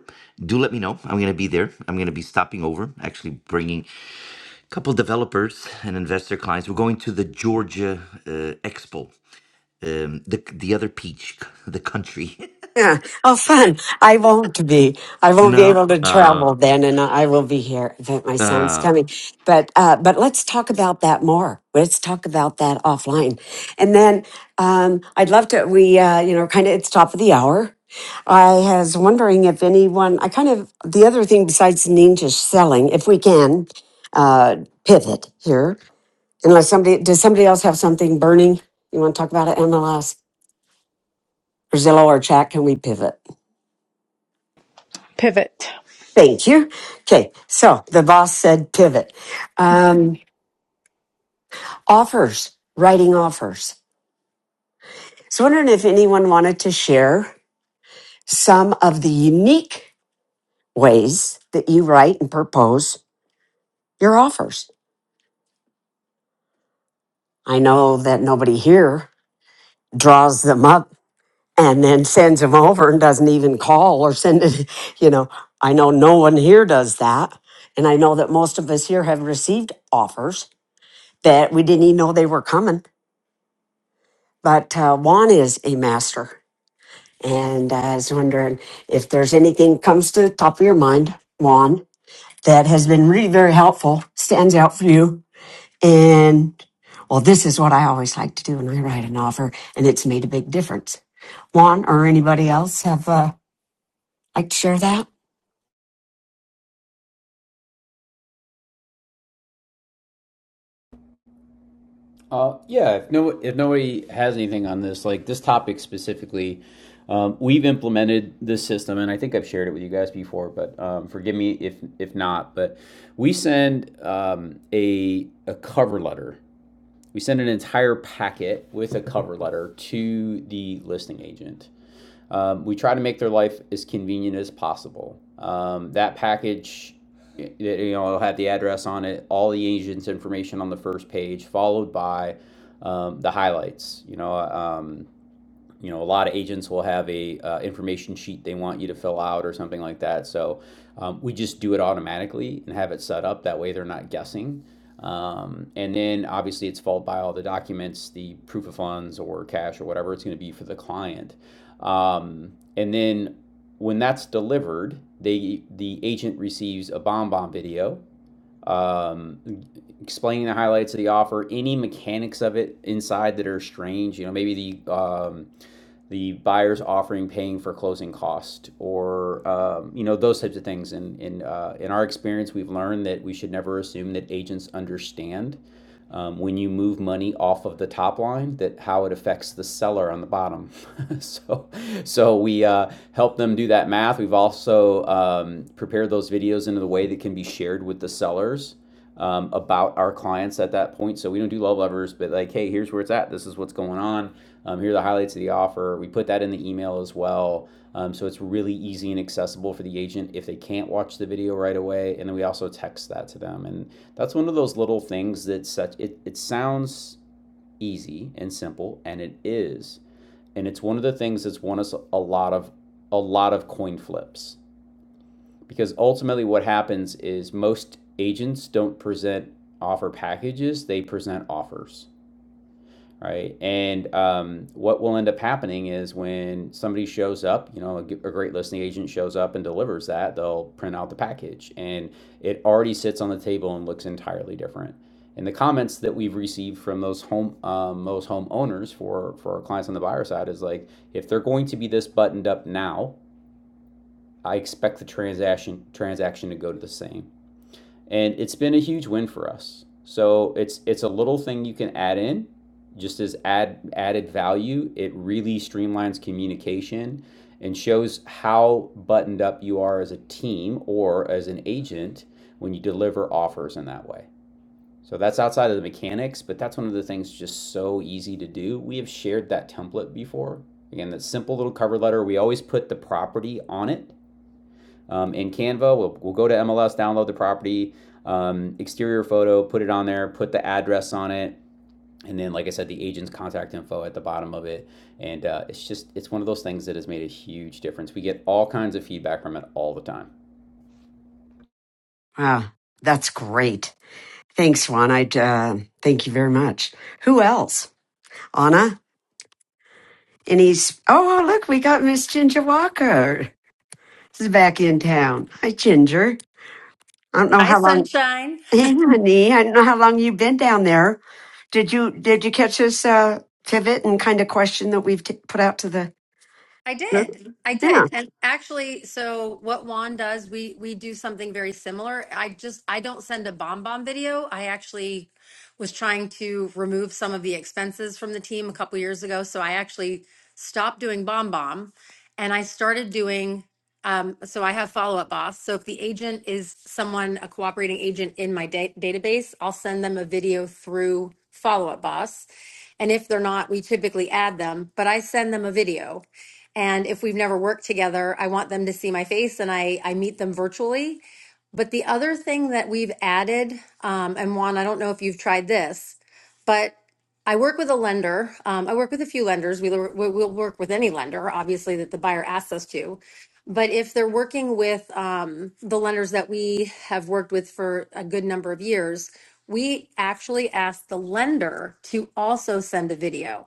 Do let me know. I'm going to be there. I'm going to be stopping over, actually bringing a couple developers and investor clients. We're going to the Georgia uh, Expo, um, the the other peach, the country. Yeah. Oh, fun. I won't be. I won't be no. able to Uh, travel then, and I will be here. In fact, my son's uh, coming. But uh, but let's talk about that more. Let's talk about that offline. And then um, I'd love to. We uh, you know kind of it's top of the hour. I was wondering if anyone. I kind of the other thing besides ninja selling, if we can uh, pivot here. Unless somebody does somebody else have something burning you want to talk about it, MLS or Zillow or chat? Can we pivot? Pivot. Thank you. Okay, so the boss said pivot. Um, offers, writing offers. So wondering if anyone wanted to share some of the unique ways that you write and propose your offers. I know that nobody here draws them up and then sends them over and doesn't even call or send it. You know, I know no one here does that. And I know that most of us here have received offers that we didn't even know they were coming but uh, Juan is a master. And I was wondering if there's anything comes to the top of your mind, Juan, that has been really very helpful, stands out for you. And well, this is what I always like to do when I write an offer, and it's made a big difference. Juan or anybody else have uh, like to share that? Uh, yeah, if no, if nobody has anything on this, like this topic specifically, um, we've implemented this system, and I think I've shared it with you guys before, but um, forgive me if if not. But we send um, a a cover letter. We send an entire packet with a cover letter to the listing agent. Um, we try to make their life as convenient as possible. Um, that package, you know, it'll have the address on it, all the agent's information on the first page, followed by um, the highlights. You know, um, you know, a lot of agents will have a uh, information sheet they want you to fill out or something like that. So um, we just do it automatically and have it set up that way they're not guessing. Um, and then obviously it's followed by all the documents, the proof of funds or cash or whatever it's going to be for the client. Um, and then when that's delivered, they the agent receives a bomb bomb video um, explaining the highlights of the offer, any mechanics of it inside that are strange. You know, maybe the um, the buyer's offering paying for closing cost, or um, you know those types of things. And in in, uh, in our experience, we've learned that we should never assume that agents understand um, when you move money off of the top line that how it affects the seller on the bottom so so we uh, help them do that math we've also um, prepared those videos in a way that can be shared with the sellers um, about our clients at that point so we don't do love levers but like hey here's where it's at this is what's going on um, here are the highlights of the offer we put that in the email as well um, so it's really easy and accessible for the agent if they can't watch the video right away and then we also text that to them and that's one of those little things that such it, it sounds easy and simple and it is. And it's one of the things that's won us a lot of a lot of coin flips. Because ultimately what happens is most agents don't present offer packages, they present offers right? And um, what will end up happening is when somebody shows up, you know, a a great listing agent shows up and delivers that, they'll print out the package and it already sits on the table and looks entirely different. And the comments that we've received from those home um, those homeowners for for our clients on the buyer side is like, if they're going to be this buttoned up now, I expect the transaction transaction to go to the same and it's been a huge win for us. So it's it's a little thing you can add in, just as add added value. It really streamlines communication and shows how buttoned up you are as a team or as an agent when you deliver offers in that way. So that's outside of the mechanics, but that's one of the things just so easy to do. We have shared that template before. Again, that simple little cover letter, we always put the property on it um, in Canva. We'll, we'll go to MLS, download the property, um, exterior photo, put it on there, put the address on it. And then, like I said, the agent's contact info at the bottom of it. And uh, it's just, it's one of those things that has made a huge difference. We get all kinds of feedback from it all the time. Wow, that's great. Thanks, Juan. I uh, thank you very much. Who else? Anna? And he's oh look, we got Miss Ginger Walker. This is back in town. Hi, Ginger. I don't know Hi, how long. sunshine. Hey, honey. I don't know how long you've been down there. Did you did you catch this uh, pivot and kind of question that we've t- put out to the I group? did. I Yeah, did. And actually, so what Juan does, we we do something very similar. I just I don't send a bomb bomb video. I actually was trying to remove some of the expenses from the team a couple years ago, so I actually stopped doing bomb bomb and I started doing um, so I have follow up boss. So if the agent is someone, a cooperating agent in my da- database, I'll send them a video through follow up boss And if they're not, we typically add them, but I send them a video. And if we've never worked together, I want them to see my face and I, I meet them virtually but the other thing that we've added, um, and Juan, I don't know if you've tried this, but I work with a lender. Um, I work with a few lenders. We, we- we'll work with any lender, obviously, that the buyer asks us to. But if they're working with um, the lenders that we have worked with for a good number of years, we actually ask the lender to also send a video.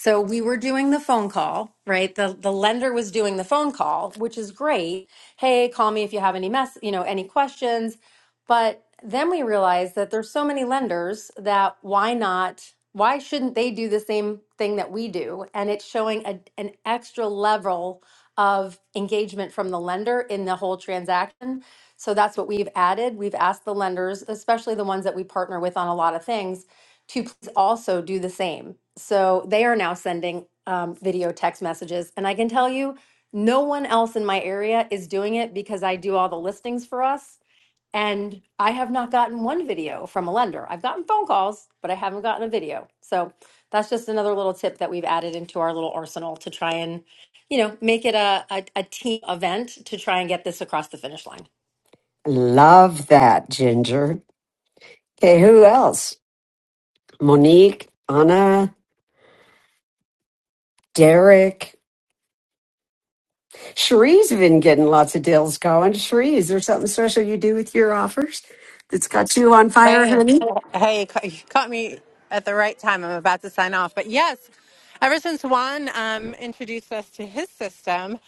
So we were doing the phone call, right? The the lender was doing the phone call, which is great. Hey, call me if you have any mess, you know, any questions. But then we realized that there's so many lenders that why not why shouldn't they do the same thing that we do? And it's showing a, an extra level of engagement from the lender in the whole transaction. So that's what we've added. We've asked the lenders, especially the ones that we partner with on a lot of things, to please also do the same. So they are now sending um, video text messages. And I can tell you, no one else in my area is doing it because I do all the listings for us. And I have not gotten one video from a lender. I've gotten phone calls, but I haven't gotten a video. So that's just another little tip that we've added into our little arsenal to try and, you know, make it a, a, a team event to try and get this across the finish line. love that, Ginger. Okay, who else? Monique, Anna, Derek. Cherie's been getting lots of deals going. Cherie, is there something special you do with your offers that's got you on fire, Hey, honey? hey, you ca- you caught me at the right time. I'm about to sign off. But yes, ever since Juan um, introduced us to his system,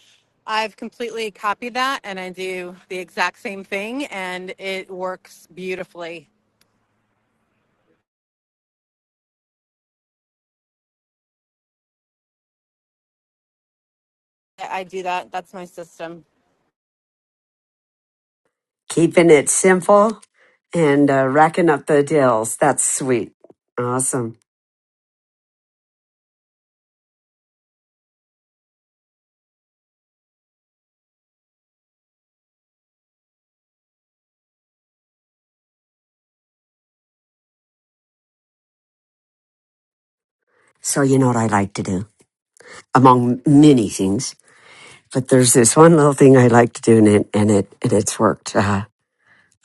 I've completely copied that and I do the exact same thing and it works beautifully. I I do that. That's my system. Keeping it simple and uh, racking up the deals. That's sweet. Awesome. So, you know what I like to do, among many things, but there's this one little thing I like to do, and it, and, it, and it's worked. Uh,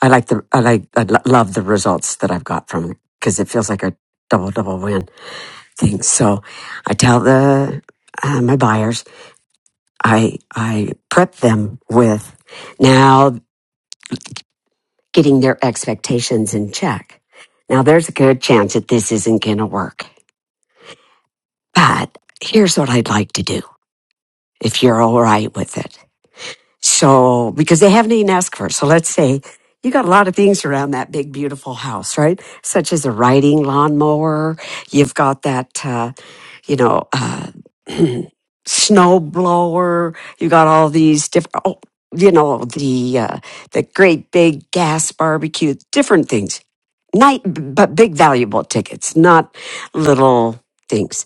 I like the, I like, I lo- love the results that I've got from it because it feels like a double, double win thing. So I tell the, uh, my buyers, I, I prep them with, now getting their expectations in check. Now, there's a good chance that this isn't going to work, but here's what I'd like to do if you're all right with it. So, because they haven't even asked for it. So let's say you got a lot of things around that big, beautiful house, right? Such as a riding lawnmower. You've got that, uh, you know, uh, snow blower. You got all these different, oh, you know, the, uh, the great big gas barbecue, different things night, but big valuable tickets, not little things.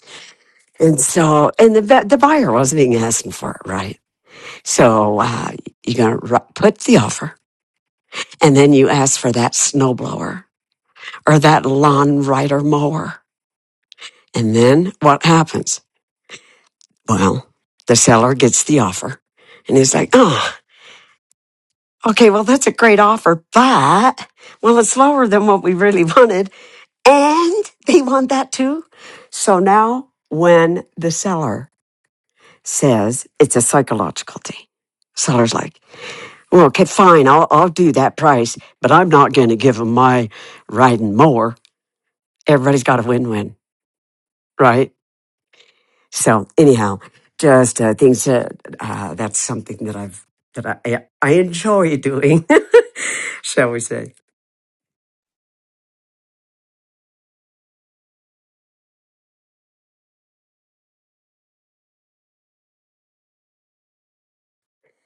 And so, and the va- the buyer wasn't even asking for it, right? So uh, you're gonna ru- put the offer, and then you ask for that snowblower or that lawn rider mower, and then what happens? Well, the seller gets the offer, and he's like, oh. Okay, well, that's a great offer, but, well, it's lower than what we really wanted. And they want that too. So now when the seller says it's a psychological thing, seller's like, well, okay, fine, I'll, I'll do that price, but I'm not going to give them my riding mower. Everybody's got a win-win, right? So anyhow, just uh, things that, uh, that's something that I've, that I, I enjoy doing, shall we say.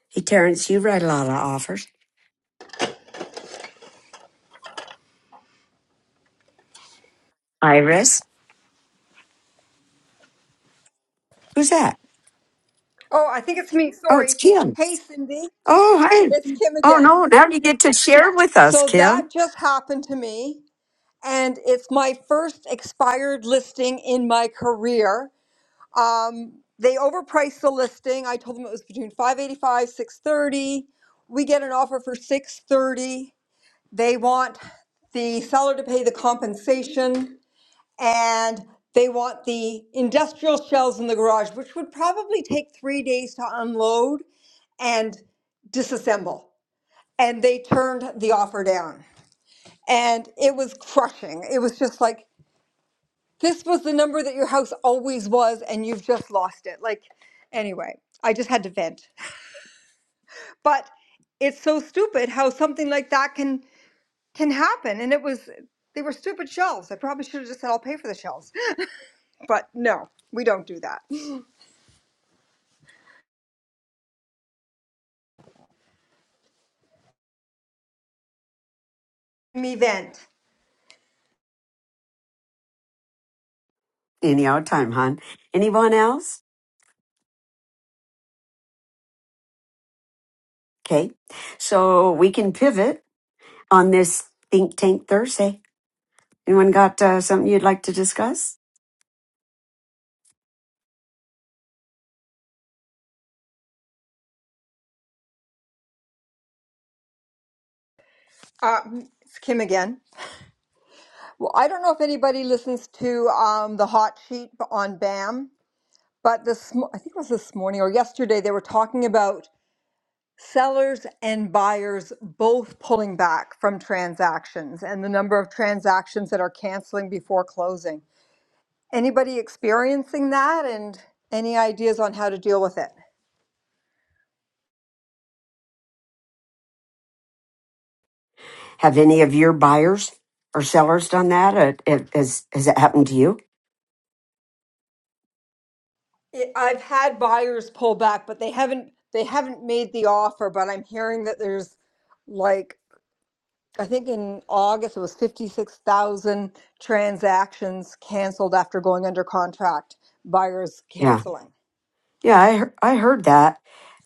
Hey, Terrence, you write a lot of offers. Iris? Who's that? Oh, I think it's me. Oh, it's Sorry. Kim. Hey, Cindy, Oh, hi. it's Kim Oh, again. no. Now you get to share with us, So that Kim. just happened to me. and it's my first expired listing in my career. Um, they overpriced the listing. I told them it was between 585, 630. We get an offer for 630. They want the seller to pay the compensation and they want the industrial shells in the garage, which would probably take three days to unload and disassemble. And they turned the offer down. And it was crushing. It was just like, this was the number that your house always was and you've just lost it like anyway i just had to vent but it's so stupid how something like that can can happen and it was they were stupid shelves i probably should have just said i'll pay for the shelves but no we don't do that me vent Anyhow, time, hon. Anyone else? Okay. So we can pivot on this Think Tank Thursday. Anyone got uh, something you'd like to discuss? uh, it's kim again well i don't know if anybody listens to um, the hot sheet on bam but this mo- i think it was this morning or yesterday they were talking about sellers and buyers both pulling back from transactions and the number of transactions that are canceling before closing. Anybody experiencing that and any ideas on how to deal with it? Have any of your buyers or sellers done that? Uh, it- Has, has it happened to you? it I've had buyers pull back, but they haven't they haven't made the offer, but I'm hearing that there's like I think in August it was 56,000 transactions canceled after going under contract, buyers Yeah. canceling. Yeah, I, hear- I heard that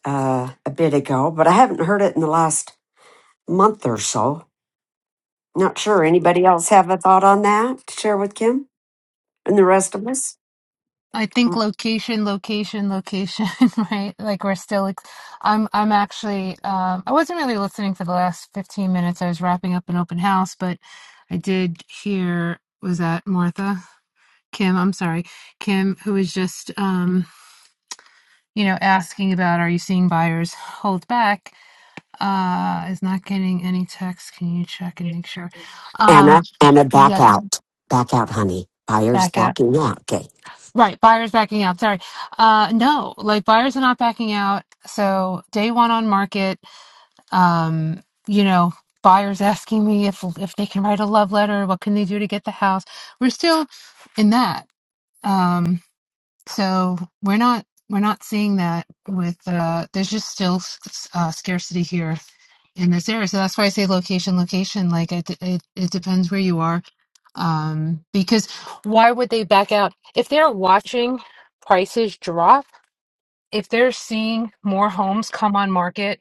uh, a bit ago, but I haven't heard it in the last month or so. Not sure. Anybody else have a thought on that to share with Kim and the rest of us? I think location, location, location, right? Like we're still, ex- I'm, I'm actually, um, I wasn't really listening for the last 15 minutes. I was wrapping up an open house, but I did hear, was that Martha? Kim, I'm sorry. Kim, who was just, um, you know, asking about, are you seeing buyers hold back? Uh, is not getting any text. Can you check and make sure? Um, Anna, Anna, back yes, out. Back out, honey. Buyer's Becca. backing out. Okay. Right, buyers backing out. Sorry. Uh no, like buyers are not backing out. So day one on market, um, you know, buyers asking me if if they can write a love letter, what can they do to get the house? We're still in that. Um, so we're not we're not seeing that with uh there's just still s- s- uh, scarcity here in this area. So that's why I say location, location. Like it, it, it depends where you are. Um, because why would they back out if they're watching prices drop? If they're seeing more homes come on market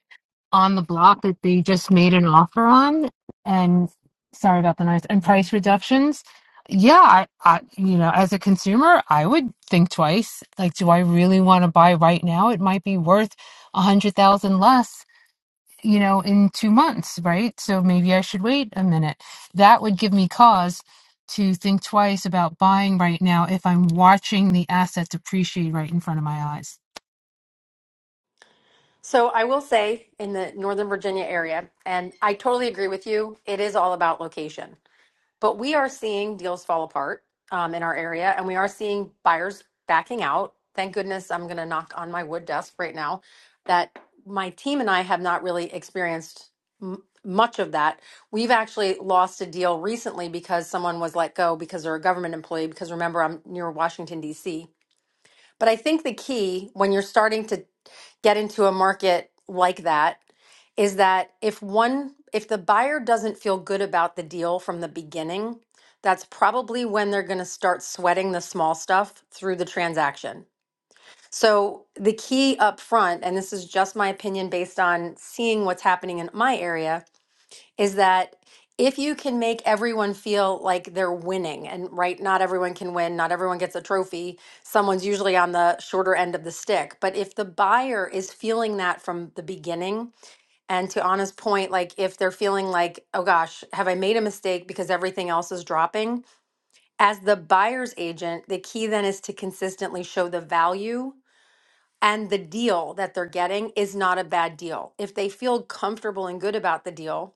on the block that they just made an offer on, and sorry about the noise, and price reductions. Yeah, I, I, you know, as a consumer, I would think twice. Like, do I really want to buy right now? It might be worth a hundred thousand less you know, in two months, right? So maybe I should wait a minute. That would give me cause to think twice about buying right now if I'm watching the asset depreciate right in front of my eyes. So I will say in the Northern Virginia area, and I totally agree with you, it is all about location. But we are seeing deals fall apart um, in our area, and we are seeing buyers backing out. Thank goodness I'm going to knock on my wood desk right now that my team and I have not really experienced m- much of that. We've actually lost a deal recently because someone was let go because they're a government employee. Because remember, I'm near Washington, D.C. But I think the key when you're starting to get into a market like that is that if one if the buyer doesn't feel good about the deal from the beginning, that's probably when they're going to start sweating the small stuff through the transaction. So the key up front and this is just my opinion based on seeing what's happening in my area is that if you can make everyone feel like they're winning and right not everyone can win not everyone gets a trophy someone's usually on the shorter end of the stick but if the buyer is feeling that from the beginning and to Anna's point like if they're feeling like oh gosh have I made a mistake because everything else is dropping as the buyer's agent the key then is to consistently show the value and the deal that they're getting is not a bad deal if they feel comfortable and good about the deal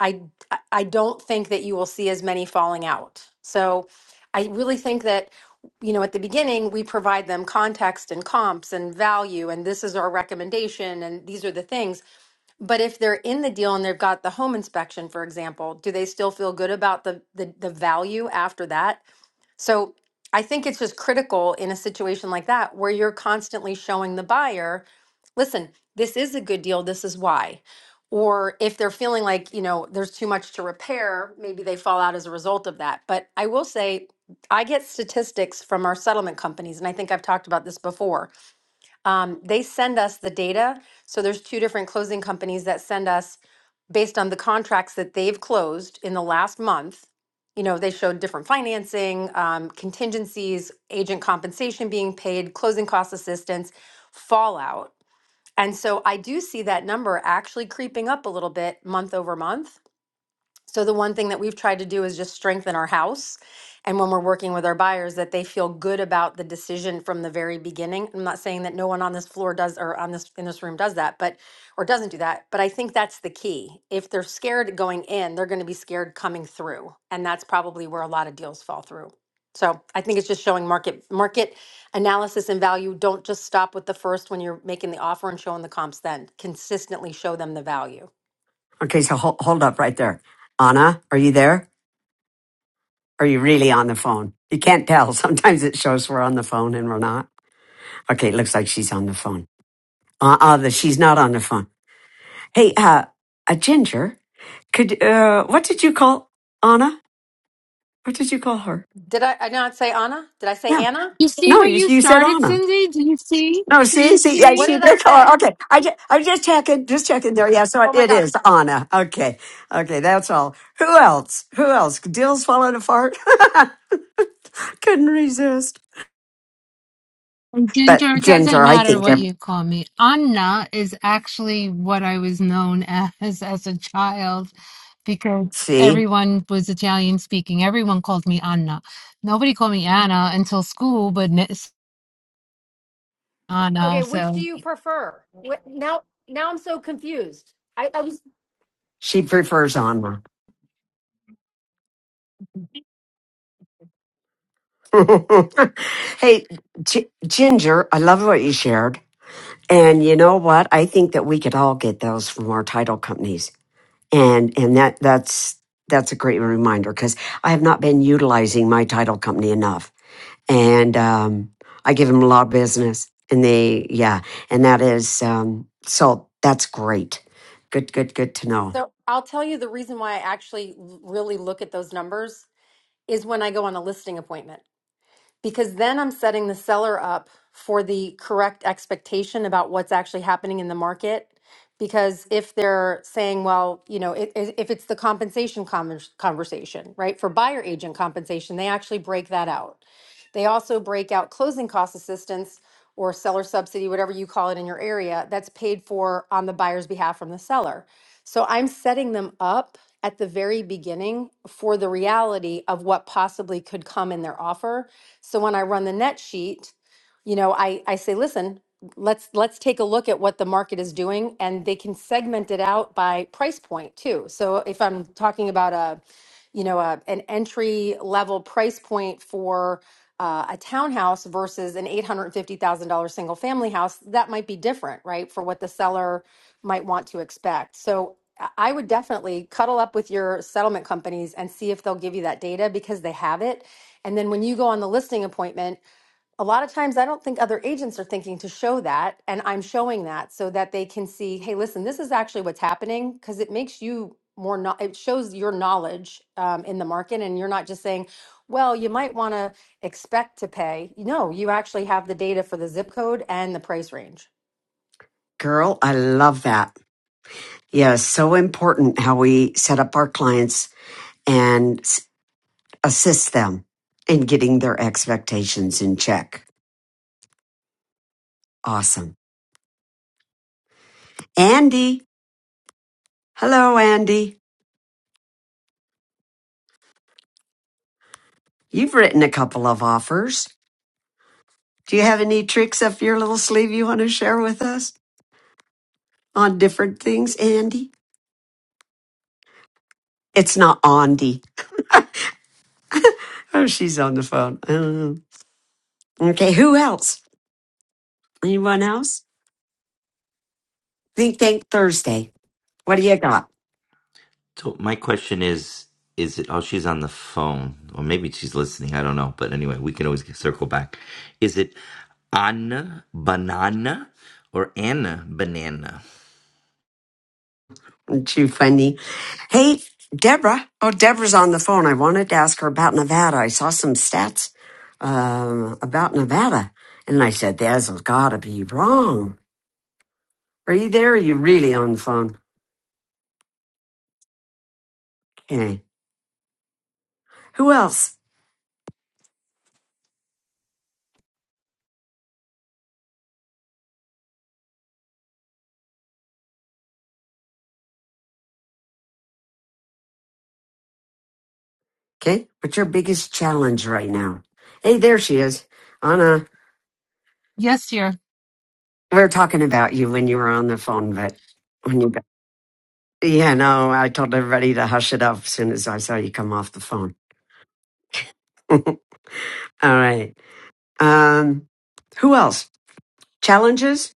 I I don't think that you will see as many falling out. So I really think that you know at the beginning we provide them context and comps and value and this is our recommendation and these are the things but if they're in the deal and they've got the home inspection for example do they still feel good about the the, the value after that so I think it's just critical in a situation like that where you're constantly showing the buyer, listen, this is a good deal, this is why. Or if they're feeling like, you know, there's too much to repair, maybe they fall out as a result of that. But I will say, I get statistics from our settlement companies, and I think I've talked about this before um, they send us the data. So there's two different closing companies that send us based on the contracts that they've closed in the last month. You know, they showed different financing, um, contingencies, agent compensation being paid, closing cost assistance, fallout. And so I do see that number actually creeping up a little bit month over month. So the one thing that we've tried to do is just strengthen our house. And when we're working with our buyers, that they feel good about the decision from the very beginning. I'm not saying that no one on this floor does or on this in this room does that, but or doesn't do that. But I think that's the key. If they're scared going in, they're going to be scared coming through, and that's probably where a lot of deals fall through. So I think it's just showing market market analysis and value. Don't just stop with the first when you're making the offer and showing the comps. Then consistently show them the value. Okay, so hold, hold up right there. Anna, are you there? Are you really on the phone? You can't tell. Sometimes it shows we're on the phone and we're not. Okay, it looks like she's on the phone. Uh-uh, the, she's not on the phone. Hey, uh, a ginger, could, uh, what did you call Anna? What did you call her? Did I, I not say Anna? Did I say Anna? You see No, what you, you you said started, Anna. Cindy? Do you see? No, Do see, you see, yeah, What see? see, did I that's all. right. say? Okay, I just, I'm just checking, just checking there. Yeah, so Oh it my it gosh. is Anna. Okay, okay, that's all. Who else? Who else? Dill's falling apart. Couldn't resist. And But Ginger, it doesn't Ginger, I matter think, what um, you call me. Anna is actually what I was known as as a child because see, everyone was Italian speaking. Everyone called me Anna. Nobody called me Anna until school, but I know. Okay, which So, do you prefer? Now, now I'm so confused. she prefers Anna. hey, G- Ginger, I love what you shared. And you know what? I think that we could all get those from our title companies and and that that's that's a great reminder because I have not been utilizing my title company enough, and um, I give them a lot of business, and they yeah, and that is um, so that's great, good good good to know, So I'll tell you the reason why I actually l- really look at those numbers is when I go on a listing appointment, because then I'm setting the seller up for the correct expectation about what's actually happening in the market. Because if they're saying, well, you know, it, if it's the compensation conver- conversation, right, for buyer agent compensation, they actually break that out. They also break out closing cost assistance or seller subsidy, whatever you call it in your area, that's paid for on the buyer's behalf from the seller. So I'm setting them up at the very beginning for the reality of what possibly could come in their offer. So when I run the net sheet, you know, I, I say, listen, let's let's take a look at what the market is doing and they can segment it out by price point too. So if I'm talking about a you know, a, an entry level price point for uh, a townhouse versus an $850,000 single family house, that might be different, right? For what the seller might want to expect. So I I would definitely cuddle up with your settlement companies and see if they'll give you that data because they have it. And then when you go on the listing appointment, a lot of times I don't think other agents are thinking to show that. And I'm showing that so that they can see, hey, listen, this is actually what's happening because it makes you more, no- it shows your knowledge um, in the market. And you're not just saying, well, you might want to expect to pay. No, you actually have the data for the zip code and the price range. girl. I love that. Yeah, it's so important how we set up our clients and s- assist them in getting their expectations in check. Awesome, Andy. Hello, Andy. You've written a couple of offers. Do you have any tricks up your little sleeve you want to share with us on different things, Andy? It's not Andy. Oh, she's on the phone. I don't know. Okay, who else? Anyone else? Think Tank Thursday. What do you got? So my question is, is it, oh, she's on the phone, or maybe she's listening. I don't know. But anyway, we can always circle back. Is it Anna Banana or Anna Banana? Too funny. Hey, Deborah. Oh, Deborah's on the phone. I wanted to ask her about Nevada. I saw some stats um, about Nevada, and I said, "That's got to be wrong." Are you there? Are you really on the phone? Okay. Who else? Okay. What's your biggest challenge right now? Hey, there she is. Anna, yes, dear. we were talking about you when you were on the phone, but when you got, yeah, no, I told everybody to hush it up as soon as I saw you come off the phone. All right. Um, who else? Challenges?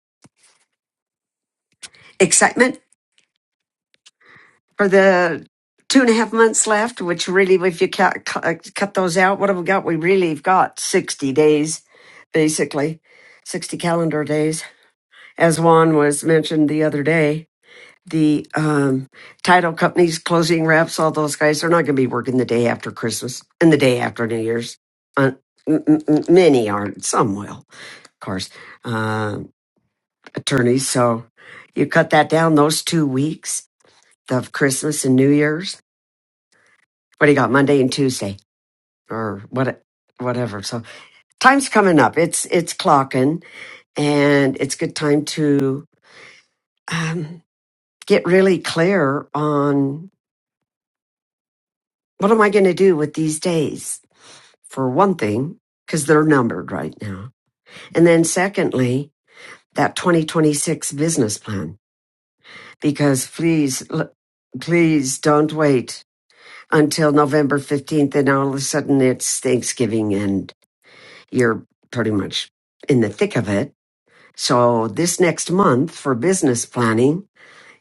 Excitement for the two and a half months left, which really, if you cut, cut cut those out, what have we got? We really've got 60 days, basically, 60 calendar days, as Juan was mentioned the other day the um, title companies, closing reps, all those guys, they're not going to be working the day after Christmas and the day after New Year's. Uh, m- m- m- many aren't, some will, of course, uh, attorneys. So you cut that down, those two weeks of Christmas and New Year's. What do you got, Monday and Tuesday or what? whatever. So time's coming up. It's, it's clocking and it's good time to um, get really clear on what am I going to do with these days? for one thing, because they're numbered right now. And then secondly, that 2026 business plan, because please, please don't wait until November 15th and all of a sudden it's Thanksgiving and you're pretty much in the thick of it. So this next month for business planning,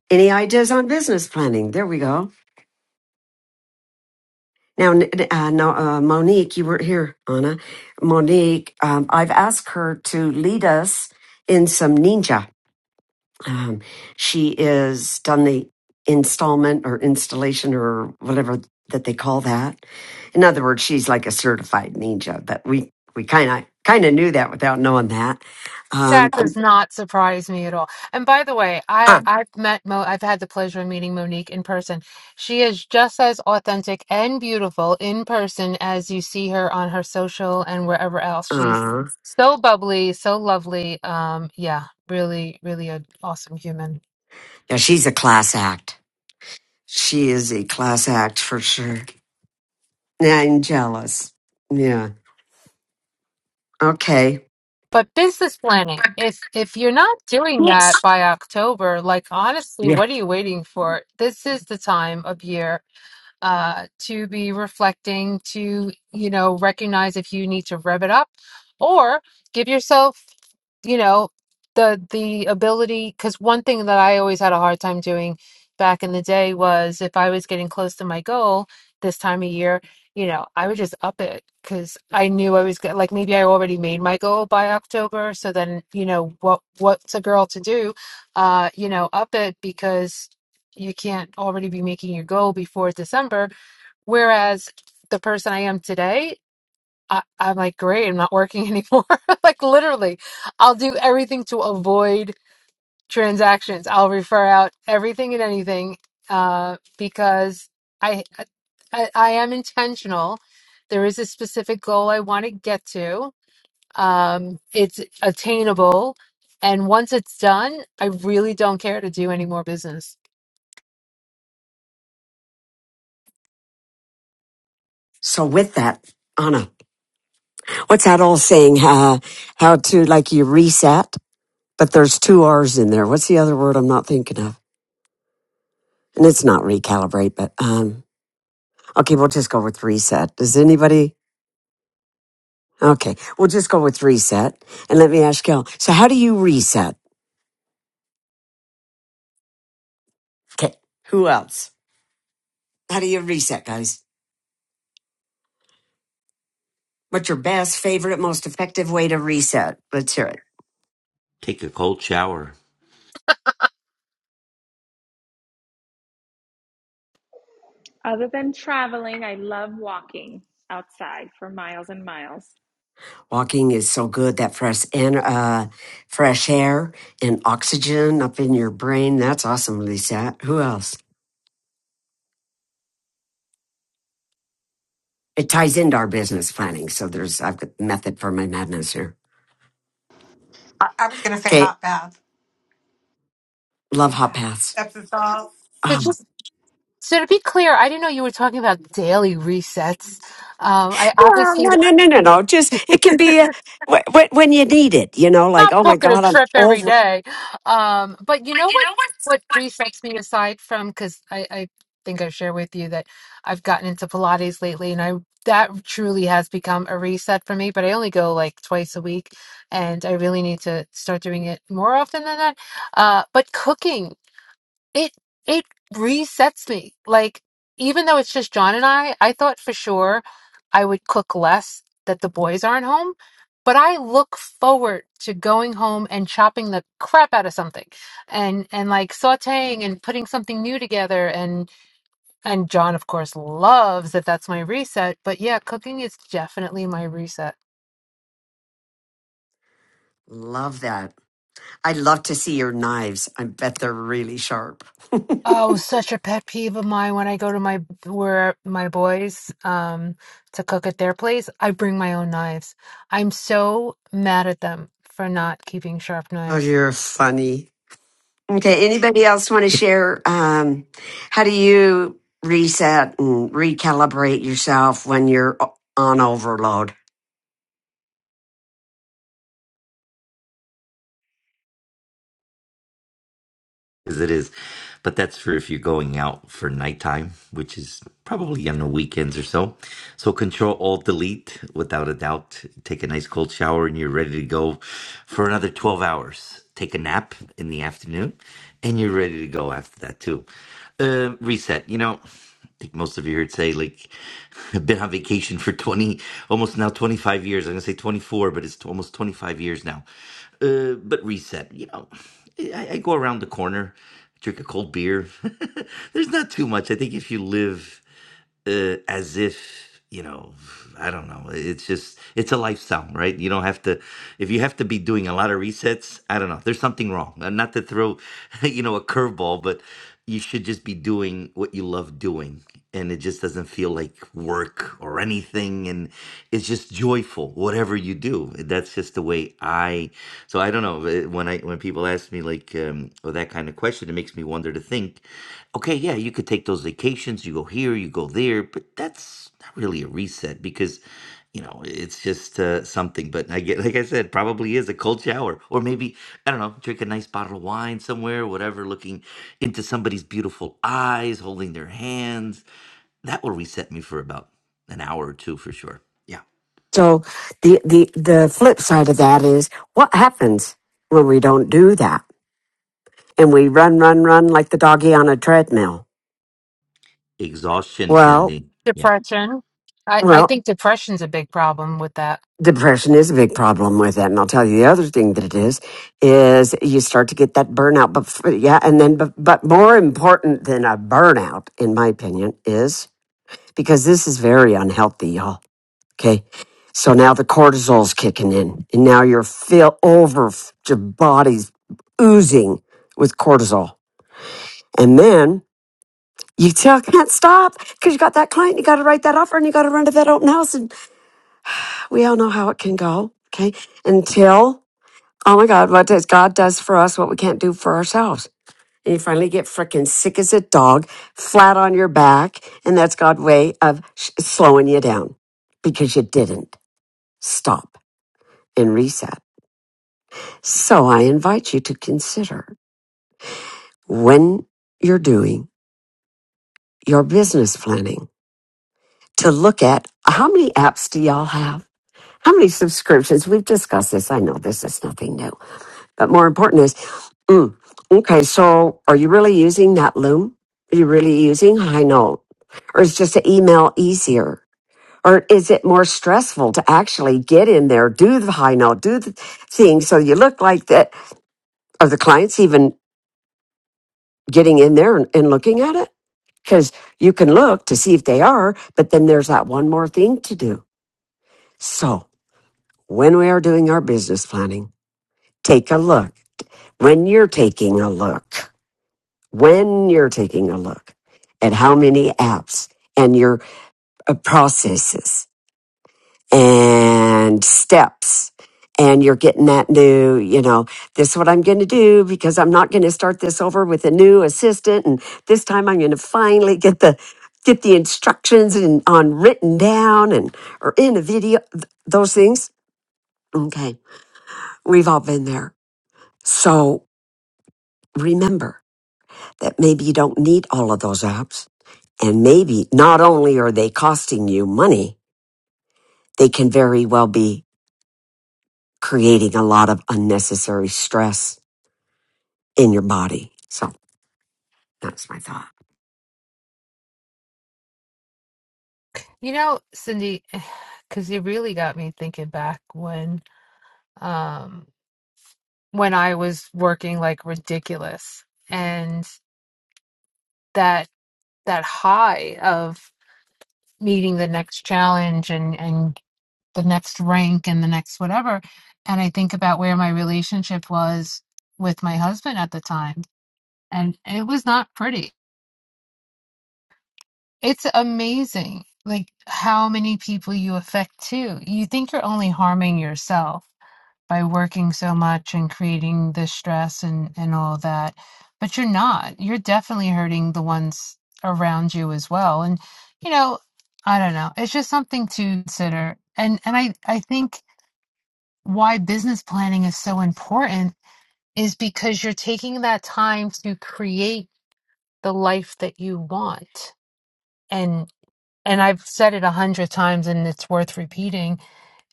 any ideas on business planning? There we go Now, n- uh, no, uh, Monique, you were here, Anna. Monique, um, I've asked her to lead us in some ninja. Um, she is done the installment or installation or whatever that they call that. In other words, she's like a certified ninja, but we, we kind of, kind of knew that without knowing that. Um, That does not surprise me at all. And by the way, I uh, I've met Mo. I've had the pleasure of meeting Monique in person. She is just as authentic and beautiful in person as you see her on her social and wherever else. She's uh, so bubbly, so lovely. Um, yeah, really, really an awesome human. yeah, she's a class act. She is a class act for sure. Yeah, I'm jealous. Yeah. Okay. But business planning, if if you're not doing Yes. that by October, like honestly, Yeah. what are you waiting for? This is the time of year uh, to be reflecting, to, you know, recognize if you need to rev it up or give yourself, you know, the the ability because one thing that I always had a hard time doing back in the day was if I was getting close to my goal this time of year, you know, I would just up it because I knew I was go- like maybe I already made my goal by October, so then, you know, what what's a girl to do? Uh, you know, up it because you can't already be making your goal before December Whereas the person I am today, I, I'm like, great, I'm not working anymore. like, literally, I'll do everything to avoid transactions. I'll refer out everything and anything uh, because I, I, I am intentional. There is a specific goal I want to get to, um, it's attainable. And once it's done, I really don't care to do any more business. So with that, Anna, what's that old saying? Uh, how to like you reset, but there's two R's in there. What's the other word I'm not thinking of? And it's not recalibrate, but um, okay, we'll just go with reset. Does anybody? Okay, we'll just go with reset. And let me ask Kel. So how do you reset? Okay, who else? How do you reset, guys? What's your best, favorite, most effective way to reset? Let's hear it. Take a cold shower. Other than traveling, I love walking outside for miles and miles. Walking is so good that fresh and uh, fresh air and oxygen up in your brain. That's awesome, Lisa. Who else? It ties into our business planning. So there's I've got method for my madness here. I was gonna say Okay, hot bath. love hot Yeah, paths. that's the sauce. Um, So to be clear, I didn't know you were talking about daily resets. Um, I well, no, obviously no, no, no, no. Just it can be a, wh- wh- when you need it. You know, like not oh my booking a god, I'm trip every over. day. Um, but you know what what resets me aside from because I, I think I've shared with you that I've gotten into Pilates lately and I that truly has become a reset for me, but I only go like twice a week and I really need to start doing it more often than that. Uh, but cooking. it it resets me. Like even though it's just John and I, I thought for sure I would cook less that the boys aren't home, but I look forward to going home and chopping the crap out of something and and like sautéing and putting something new together and and John of course loves that that's my reset, but yeah, cooking is definitely my reset. Love that. I love to see your knives. I bet they're really sharp. Oh, such a pet peeve of mine when I go to my where my boys um to cook at their place, I bring my own knives. I'm so mad at them for not keeping sharp Oh, knives. you're funny. Okay. Anybody else want to share? Um, how do you reset and recalibrate yourself when you're o- on overload? as it is. But that's for if you're going out for nighttime, which is probably on the weekends or so. So control alt delete without a doubt. Take a nice cold shower and you're ready to go for another 12 hours. Take a nap in the afternoon and you're ready to go after that too. Uh, reset. You know, I think most of you heard say like I've been on vacation for 20 almost now 25 years. I'm going to say 24, but it's t- almost 25 years now. Uh, but reset, you know, I, I go around the corner, drink a cold beer. There's not too much. I think if you live uh, as if you know i don't know it's just it's a lifestyle right you don't have to if you have to be doing a lot of resets i don't know there's something wrong Uh, not to throw you know a curveball but you should just be doing what you love doing and it just doesn't feel like work or anything and it's just joyful whatever you do that's just the way i so i don't know don't know eh, when I when people ask me like um, or that kind of question, it makes me wonder to think, okay, yeah, you could take those vacations, you go here, you go there, but that's not really a reset because you know it's just uh, something. But I get like I said, probably is a cold shower or maybe I don't know, drink a nice bottle of wine somewhere, whatever, looking into somebody's beautiful eyes, holding their hands. That will reset me for about an hour or two for sure. Yeah, So the, the, the flip side of that is what happens when we don't do that and we run, run, run like the doggy on a treadmill? exhaustion, Well, Cindy. Yeah. Depression. I I well, think depression's a big problem with that. depression is a big problem with it. And I'll tell you the other thing that it is, is you start to get that burnout. But f- yeah, and then, but, but more important than a burnout, in my opinion, is because this is very unhealthy, y'all. Okay. So now the cortisol's kicking in, and now you're fill over your body's oozing with cortisol. And then you tell can't stop because you got that client, you got to write that offer, and you got to run to that open house. And we all know how it can go. Okay. Until, oh my God, what does God does for us what we can't do for ourselves? And you finally get freaking sick as a dog, flat on your back. And that's God's way of sh- slowing you down because you didn't. stop and reset. So I invite you to consider when you're doing your business planning to look at how many apps do y'all have? How many subscriptions? We've discussed this. I know this is nothing new, but more important is, mm, okay, so are you really using that Loom? Are you really using High Note? Or is just an email easier? Or is it more stressful to actually get in there, do the High Note, do the thing so you look like that? Are the clients even getting in there and, and looking at it? Because you can look to see if they are, but then there's that one more thing to do. So when we are doing our business planning, take a look. When you're taking a look, when you're taking a look at how many apps and your uh, processes and steps and you're getting that new you know this is what i'm going to do because i'm not going to start this over with a new assistant and this time i'm going to finally get the get the instructions and on written down and or in a video th- those things okay we've all been there so remember that maybe you don't need all of those apps and maybe not only are they costing you money they can very well be creating a lot of unnecessary stress in your body. So that's my thought. You know, Cindy, because you really got me thinking back when um when I was working like ridiculous and that that high of meeting the next challenge and and the next rank and the next whatever. And I think about where my relationship was with my husband at the time, and it was not pretty. It's amazing, like how many people you affect too. You think you're only harming yourself by working so much and creating the stress and, and all that, but you're not. You're definitely hurting the ones around you as well. And, you know, I don't know. It's just something to consider. And and I I think why business planning is so important is because you're taking that time to create the life that you want and and I've said it a hundred times and it's worth repeating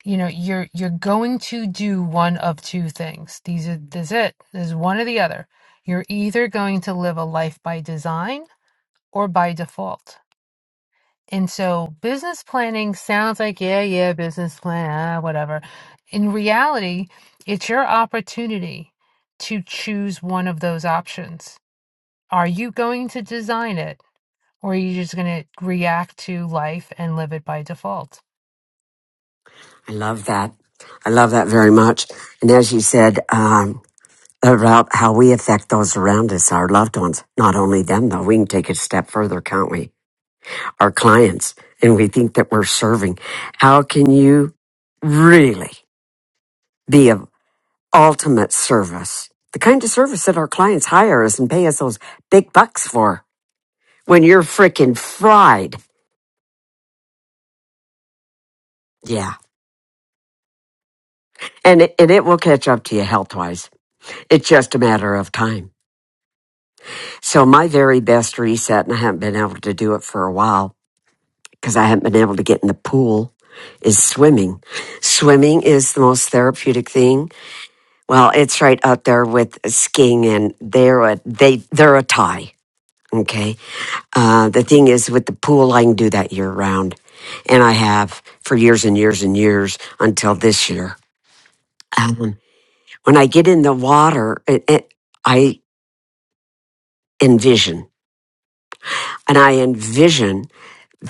you know you're you're going to do one of two things these are this is it there's one or the other you're either going to live a life by design or by default And so business planning sounds like, yeah, yeah, business plan, ah, whatever. In reality, it's your opportunity to choose one of those options. Are you going to design it or are you just going to react to life and live it by default? I love that. I love that very much. And as you said, um, about how we affect those around us, our loved ones, not only them though, we can take it a step further, can't we? Our clients, and we think that we're serving. How can you really be of ultimate service? The kind of service that our clients hire us and pay us those big bucks for when you're freaking fried. Yeah. And it, and it will catch up to you health wise. It's just a matter of time. So my very best reset, and I haven't been able to do it for a while because I haven't been able to get in the pool, is swimming. Swimming is the most therapeutic thing. Well, it's right up there with skiing, and they're a they they're a tie. Okay. Uh, the thing is, with the pool, I can do that year round, and I have for years and years and years until this year. Um, when I get in the water, it, it, I envision, and I envision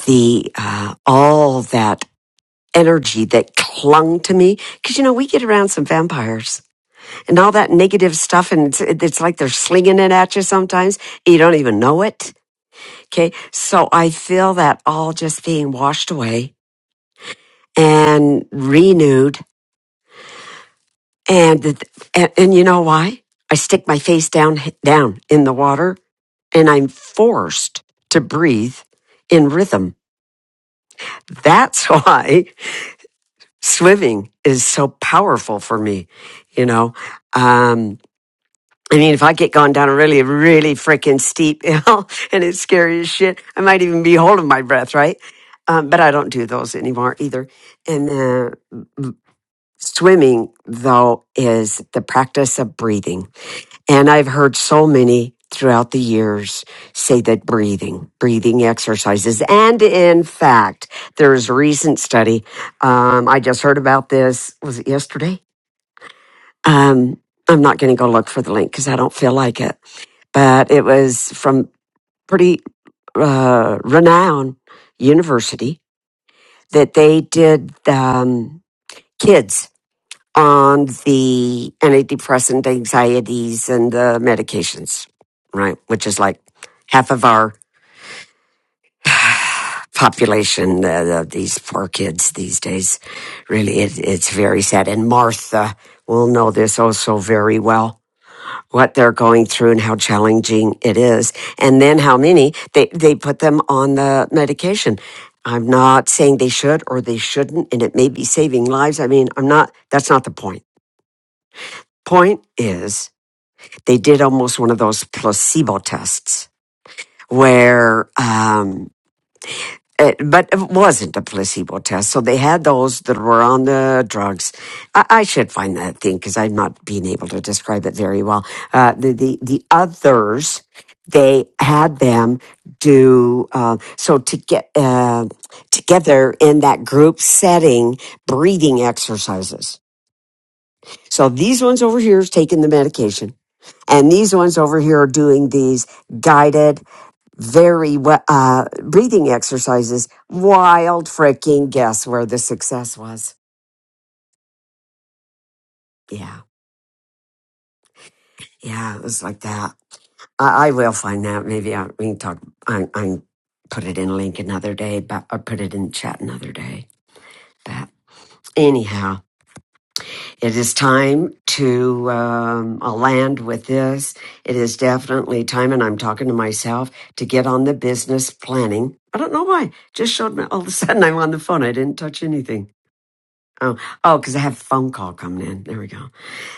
the uh, all that energy that clung to me because you know we get around some vampires and all that negative stuff and it's, it's like they're slinging it at you sometimes you don't even know it okay so i feel that all just being washed away and renewed and the, and, and you know why i stick my face down down in the water and i'm forced to breathe in rhythm that's why swimming is so powerful for me, you know. Um, I mean, if I get gone down a really, really freaking steep hill and it's scary as shit, I might even be holding my breath, right? Um, but I don't do those anymore either. And uh, swimming, though, is the practice of breathing. And I've heard so many throughout the years say that breathing, breathing exercises. And in fact, there's a recent study. Um, I just heard about this. Was it yesterday? Um, I'm not going to go look for the link because I don't feel like it. But it was from pretty uh, renowned university that they did um, kids on the antidepressant anxieties and the medications, right? Which is like half of our population. Uh, these poor kids these days, really, it, it's very sad. And Martha will know this also very well what they're going through and how challenging it is and then how many they, they put them on the medication i'm not saying they should or they shouldn't and it may be saving lives i mean i'm not that's not the point point Point is they did almost one of those placebo tests where um, It, but it wasn't a placebo test. So they had those that were on the drugs. I, I should find that thing because I'm not being able to describe it very well. Uh, the, the, the others, they had them do, uh, so to get, uh, together in that group setting, breathing exercises. So these ones over here is taking the medication and these ones over here are doing these guided very we- uh, breathing exercises. Wild freaking guess where the success was. Yeah, yeah, it was like that. I, I will find that. Maybe I, we can talk. I, I put it in link another day, but or put it in chat another day. But anyhow, it is time to um, I'll land with this. It is definitely time, and I'm talking to myself to get on the business planning. I don't know why. Just showed me all of a sudden I'm on the phone. I didn't touch anything Oh, oh, because I have a phone call coming in. There we go.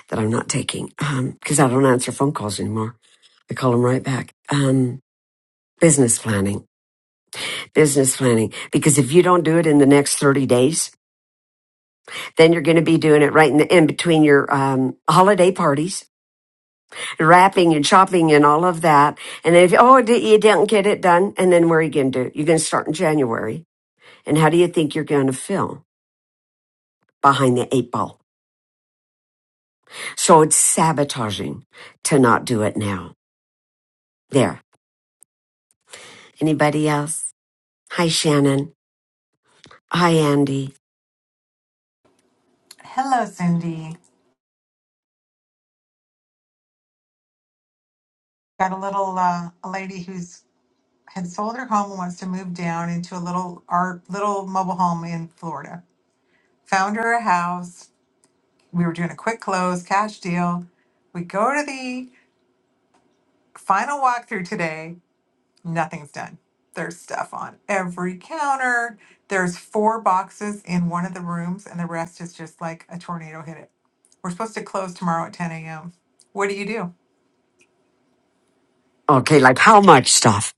That I'm not taking. Um, because I don't answer phone calls anymore. I call them right back. Um, business planning, business planning. Because if you don't do it in the next 30 days, then you're going to be doing it right in, the, in between your, um, holiday parties, wrapping and shopping and all of that. And if, oh, di- you didn't get it done. And then where are you going to do? You're going to start in January. And how do you think you're going to feel behind the eight ball? So it's sabotaging to not do it now. There. Anybody else? Hi, Shannon. Hi, Andy. Hello, Cindy. Got a little uh, a lady who's had sold her home and wants to move down into a little our little mobile home in Florida. Found her a house. We were doing a quick close cash deal. We go to the final walkthrough today, nothing's done. There's stuff on every counter. There's four boxes in one of the rooms, and the rest is just like a tornado hit it. We're supposed to close tomorrow at 10 a.m. What do you do? Okay, like how much stuff?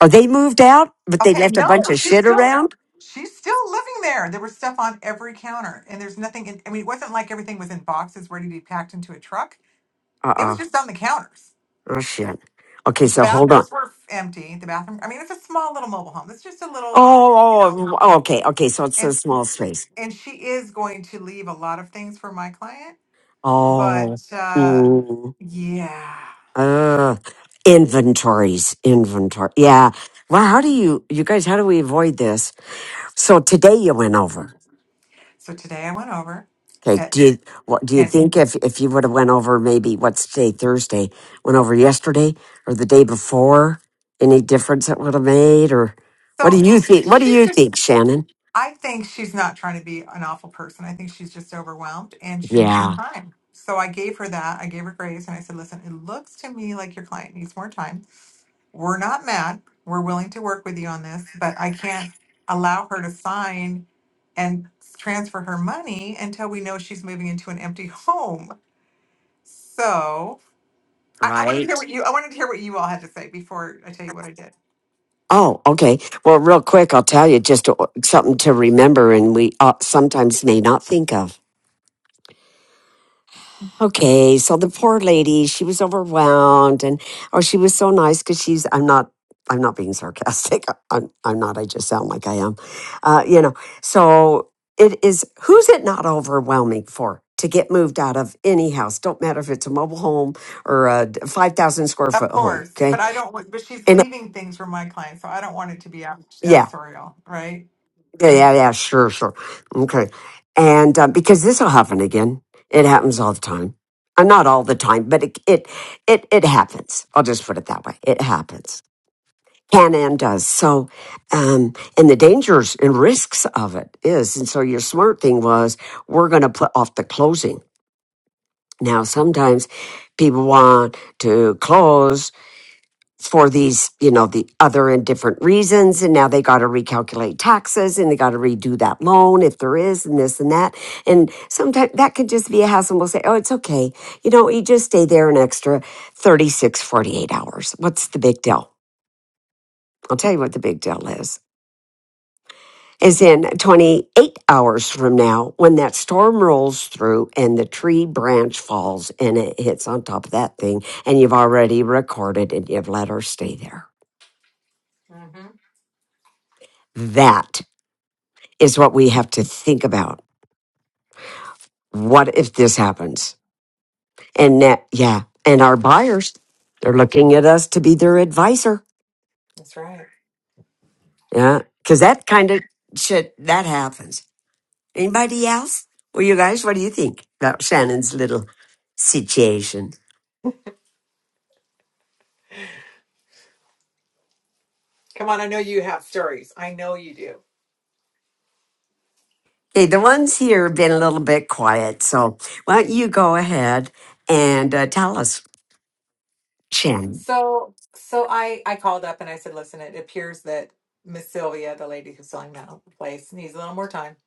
Oh, they moved out, but they Okay, left a no, bunch of she's shit still around? she's still living there. There was stuff on every counter, and there's nothing in I mean, it wasn't like everything was in boxes ready to be packed into a truck. Uh It was uh just on the counters. Oh, shit. Okay, The so hold on. bathrooms were empty. The bathroom I mean, it's a small little mobile home. It's just a little, Oh, you know. oh, oh, okay, okay, so it's a And small space. and she is going to leave a lot of things for my client, Oh, but uh mm, yeah. uh, inventories, inventory. Yeah. Well, how do you, you guys, how do we avoid this? So today you went over. So today I went over Okay. and, Do you what do you and think if if you would have went over maybe what's today Thursday went over yesterday or the day before any difference it would have made or what do so you she, think? What do she's you just think, Shannon? I think she's not trying to be an awful person. I think she's just overwhelmed and she needs more Yeah. time. So I gave her that. I gave her grace and I said, "Listen, it looks to me like your client needs more time. we're not mad. We're willing to work with you on this, but I can't allow her to sign and transfer her money until we know she's moving into an empty home. So I, I wanted to hear Right. what you I wanted to hear what you all had to say before I tell you what I did. Oh, okay. Well, real quick, I'll tell you just uh, something to remember, and we uh, sometimes may not think of. Okay, so the poor lady, she was overwhelmed, and oh, she was so nice because she's. I'm not. I'm not being sarcastic. I'm. I'm not. I just sound like I am. Uh, you know. So it is. Who's it not overwhelming for to get moved out of any house? Don't matter if it's a mobile home or a five thousand square Of foot home. course, Okay, but I don't. want- But she's and leaving things for my client, so I don't want it to be ad- yeah. adversarial, right? Yeah, yeah, yeah, sure, sure. Okay. And uh, because this will happen again, it happens all the time. Uh, not all the time, but it, it, it, it happens. I'll just put it that way. It happens. Can and does. So, um, and the dangers and risks of it is, and so your smart thing was, we're going to put off the closing. Now, sometimes people want to close for these, you know, the other and different reasons. And now they got to recalculate taxes and they got to redo that loan if there is and this and that. And sometimes that could just be a hassle. We'll say, oh, it's okay. You know, you just stay there an extra 36, 48 hours. What's the big deal? I'll tell you what the big deal is. Is in 28 hours from now when that storm rolls through and the tree branch falls and it hits on top of that thing, and you've already recorded and you've let her stay there. hmm That is what we have to think about. What if this happens? And that, yeah, and our buyers, they're looking at us to be their advisor. That's right. Yeah, because that kind of shit that happens. Anybody else? Well, you guys, what do you think about Shannon's little situation? Come on, I know you have stories. I know you do. Okay, the ones here have been a little bit quiet, so why don't you go ahead and uh, tell us, Shannon? So, so I I called up and I said, listen, it appears that Miss Sylvia, the lady who's selling that place, needs a little more time.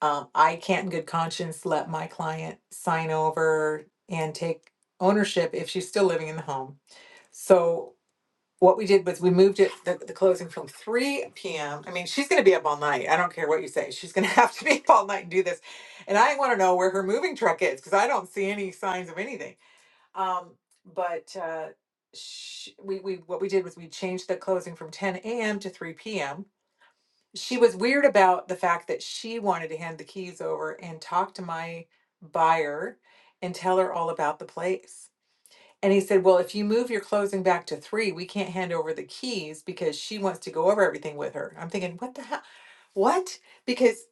Um, I can't in good conscience let my client sign over and take ownership if she's still living in the home. So what we did was we moved it the, the closing from 3 p.m. I mean, she's going to be up all night. I don't care what you say. She's going to have to be up all night and do this. And I want to know where her moving truck is because I don't see any signs of anything. Um, but uh, sh we we what we did was we changed the closing from 10 a.m. to 3 p.m. She was weird about the fact that she wanted to hand the keys over and talk to my buyer and tell her all about the place. And he said, "Well, if you move your closing back to 3, we can't hand over the keys because she wants to go over everything with her." I'm thinking, "What the hell? What?" Because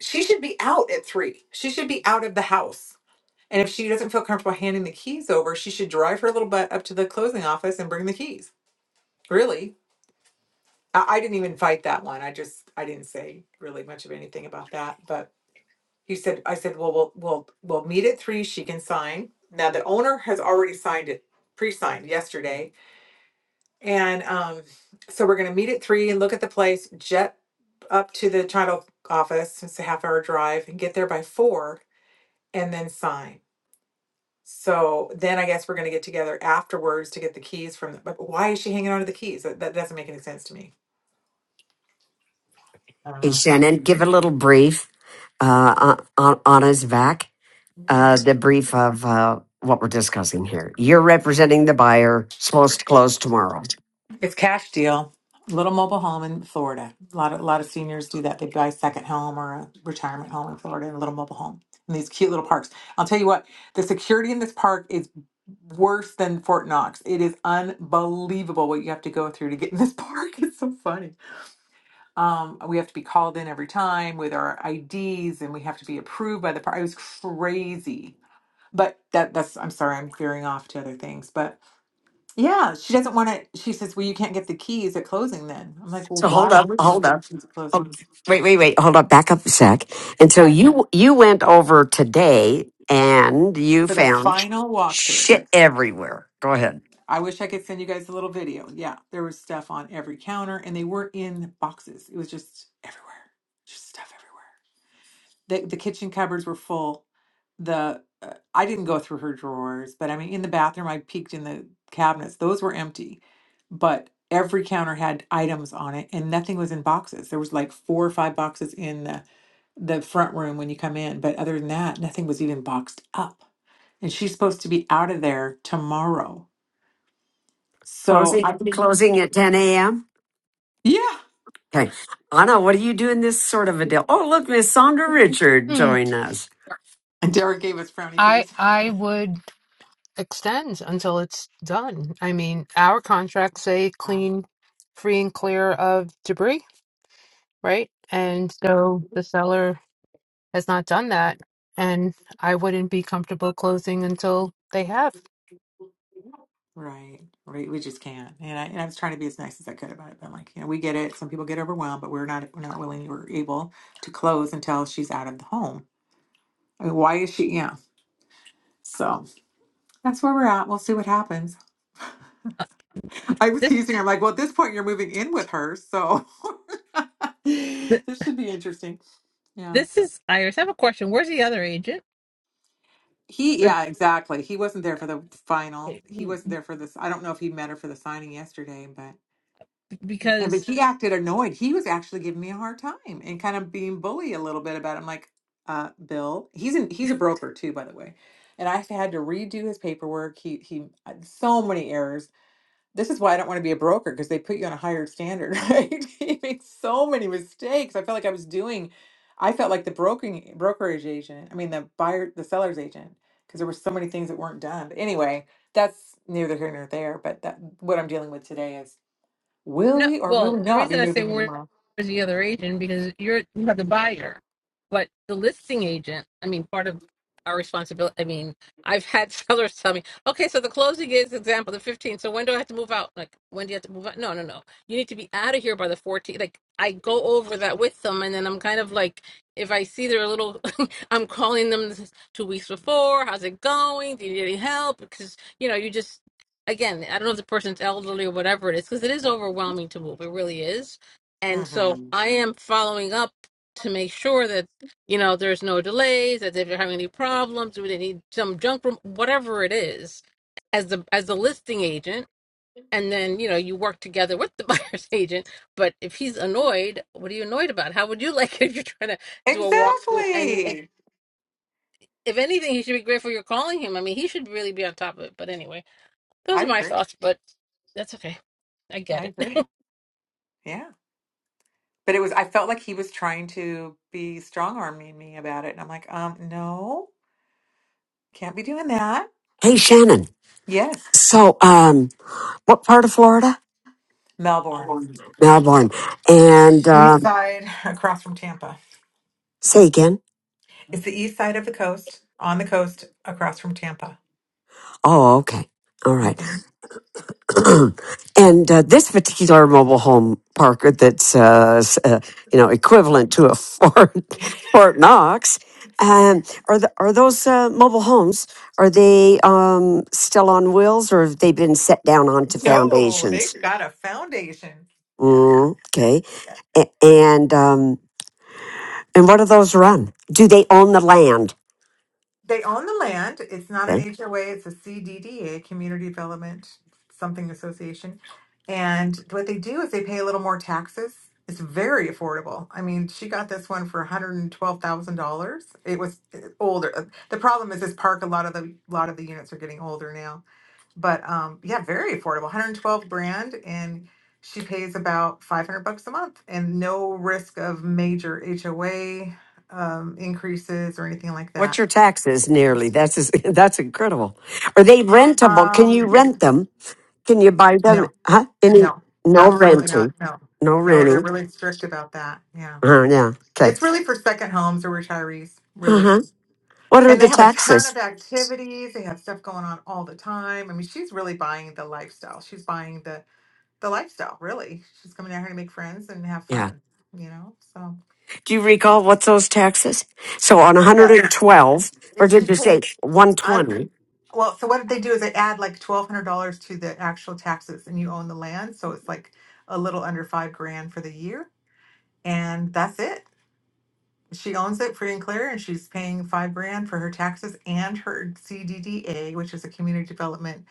she should be out at 3. She should be out of the house and if she doesn't feel comfortable handing the keys over, she should drive her little butt up to the closing office and bring the keys. Really. I, I didn't even fight that one. I just I didn't say really much of anything about that. But he said I said, Well we'll we'll we'll meet at three, she can sign. Now the owner has already signed it, pre-signed yesterday. And um so we're gonna meet at three and look at the place, jet up to the title office, it's a half hour drive, and get there by four and then sign. So then I guess we're going to get together afterwards to get the keys from. The, but why is she hanging on to the keys? That, that doesn't make any sense to me. I don't Hey, know. Shannon, give a little brief uh, on on Isvac, uh, the brief of uh, what we're discussing here. You're representing the buyer, supposed to close tomorrow. It's cash deal. Little mobile home in Florida. A lot of a lot of seniors do that. They buy a second home or a retirement home in Florida and a little mobile home in these cute little parks. I'll tell you what, the security in this park is worse than Fort Knox. It is unbelievable what you have to go through to get in this park. It's so funny. Um, we have to be called in every time with our IDs, and we have to be approved by the part. I was crazy. But that that's I'm sorry, I'm veering off to other things. But yeah, she doesn't want to. She says, "Well, you can't get the keys at closing." Then I'm like, "Well, So why hold up, wouldn't you hold get the up. keys at closing?" Hold, wait, wait, wait. Hold up. Back up a sec. And so Okay, you you went over today and you for the found final walkthrough. shit everywhere. Go ahead. I wish I could send you guys a little video. Yeah, there was stuff on every counter, and they were in boxes. It was just everywhere, just stuff everywhere. the the kitchen cupboards were full. The uh, I didn't go through her drawers, but I mean, in the bathroom, I peeked in the cabinets; those were empty. But every counter had items on it, and nothing was in boxes. There was like four or five boxes in the the front room when you come in, but other than that, nothing was even boxed up. And she's supposed to be out of there tomorrow. So Closing I, closing at 10 a.m. yeah. Okay. Anna, what are you doing this sort of a deal? Oh, look, Miss Sandra Richard Hmm. joined us. And Derek gave us frowny I face. I would extend until it's done. I mean, our contracts say Wow. clean, free and clear of debris, right? And so the seller has not done that. And I wouldn't be comfortable closing until they have. Right. We, we just can't. And I, and I was trying to be as nice as I could about it, but I'm like, you know, we get it. Some people get overwhelmed, but we're not, we're not willing or able to close until she's out of the home. I mean, why is she? Yeah. So that's where we're at. We'll see what happens. I was This teasing her. I'm like, well, at this point, you're moving in with her. So th- this should be interesting. Yeah. this is Iris. I have a question. Where's the other agent? He, Or- yeah, exactly. He wasn't there for the final. He wasn't there for this. I don't know if he met her for the signing yesterday, And Because but he acted annoyed. He was actually giving me a hard time and kind of being bully a little bit about it. I'm like, uh, Bill, he's an he's a broker too, by the way. And I had to redo his paperwork. He he uh, so many errors. This is why I don't want to be a broker because they put you on a higher standard, right? He makes so many mistakes. I felt like I was doing I felt like the broking brokerage agent, I mean the buyer the seller's agent, because there were so many things that weren't done. But anyway, that's neither here nor there. But that what I'm dealing with today is Will No, we or will well, we the not be reason I say moving in where's tomorrow? the other agent because you're you have the buyer, but the listing agent. I mean, part of our responsibility. I mean, I've had sellers tell me, okay, so the closing is example the 15th. So when do I have to move out? Like, when do you have to move out? No, no, no. You need to be out of here by the 14th. Like, I go over that with them, and then I'm kind of like, if I see they're a little, I'm calling them this is two weeks before. How's it going? Do you need any help? Because you know, you just again, I don't know if the person's elderly or whatever it is, because it is overwhelming to move. It really is. And so hmm I am following up to make sure that, you know, there's no delays, that if they're having any problems, do they need some junk room, whatever it is, as the as the listing agent. And then, you know, you work together with the buyer's agent. But if he's annoyed, what are you annoyed about? How would you like it if you're trying to do a walkthrough? And if, Exactly. if anything, he should be grateful you're calling him. I mean, he should really be on top of it. But anyway. Those I are my agree. thoughts, but that's okay. I I get agree. it. Yeah. But it was, I felt like he was trying to be strong arming me about it. And I'm like, um, no, can't be doing that. Hey, Shannon. Yes. So, um, what part of Florida? Melbourne, Melbourne. Melbourne. And east um, side across from Tampa. say again. It's the east side of the coast, on the coast across from Tampa. Oh, okay. All right. Mhm. and uh, this particular mobile home park that's uh, s- uh, you know equivalent to a Fort Fort Knox. Um, are the, are those uh, mobile homes? Are they um, still on wheels, or have they been set down onto No, foundations? they've got a foundation. Yeah. Mm, okay, A- and um, and what do those run? Do they own the land? They own the land. It's not an Okay. HOA, it's a CDDA, Community Development Something Association. And what they do is they pay a little more taxes. It's very affordable. I mean, she got this one for $112,000. It was uh, older. Uh, The problem is this park a lot of the lot of the units are getting older now. But um yeah, very affordable. 112 grand and she pays about 500 bucks a month and no risk of major HOA um increases or anything like that. What's your taxes nearly? That's is, that's incredible. Are they rentable? Can you Um, rent them? Can you buy them? no, Huh? Any, no, no absolutely not. renting. No, No no, they're renting. really strict about that. Yeah. Uh, yeah. Okay. It's really for second homes or retirees, Uh really. huh. What are And they the have a ton taxes? of activities. They have stuff going on all the time. I mean, she's really buying the lifestyle. She's buying the the lifestyle, really. She's coming down here to make friends and have Yeah. fun, you know? So, Do you recall what's those taxes? So on yes. 112, or And did she's you paying, say I'm, 120? well, so what did they do is they add like $1,200 to the actual taxes and you own the land. So it's like a little under five grand for the year and that's it. She owns it free and clear, and she's paying five grand for her taxes and her CDDA, which is a community development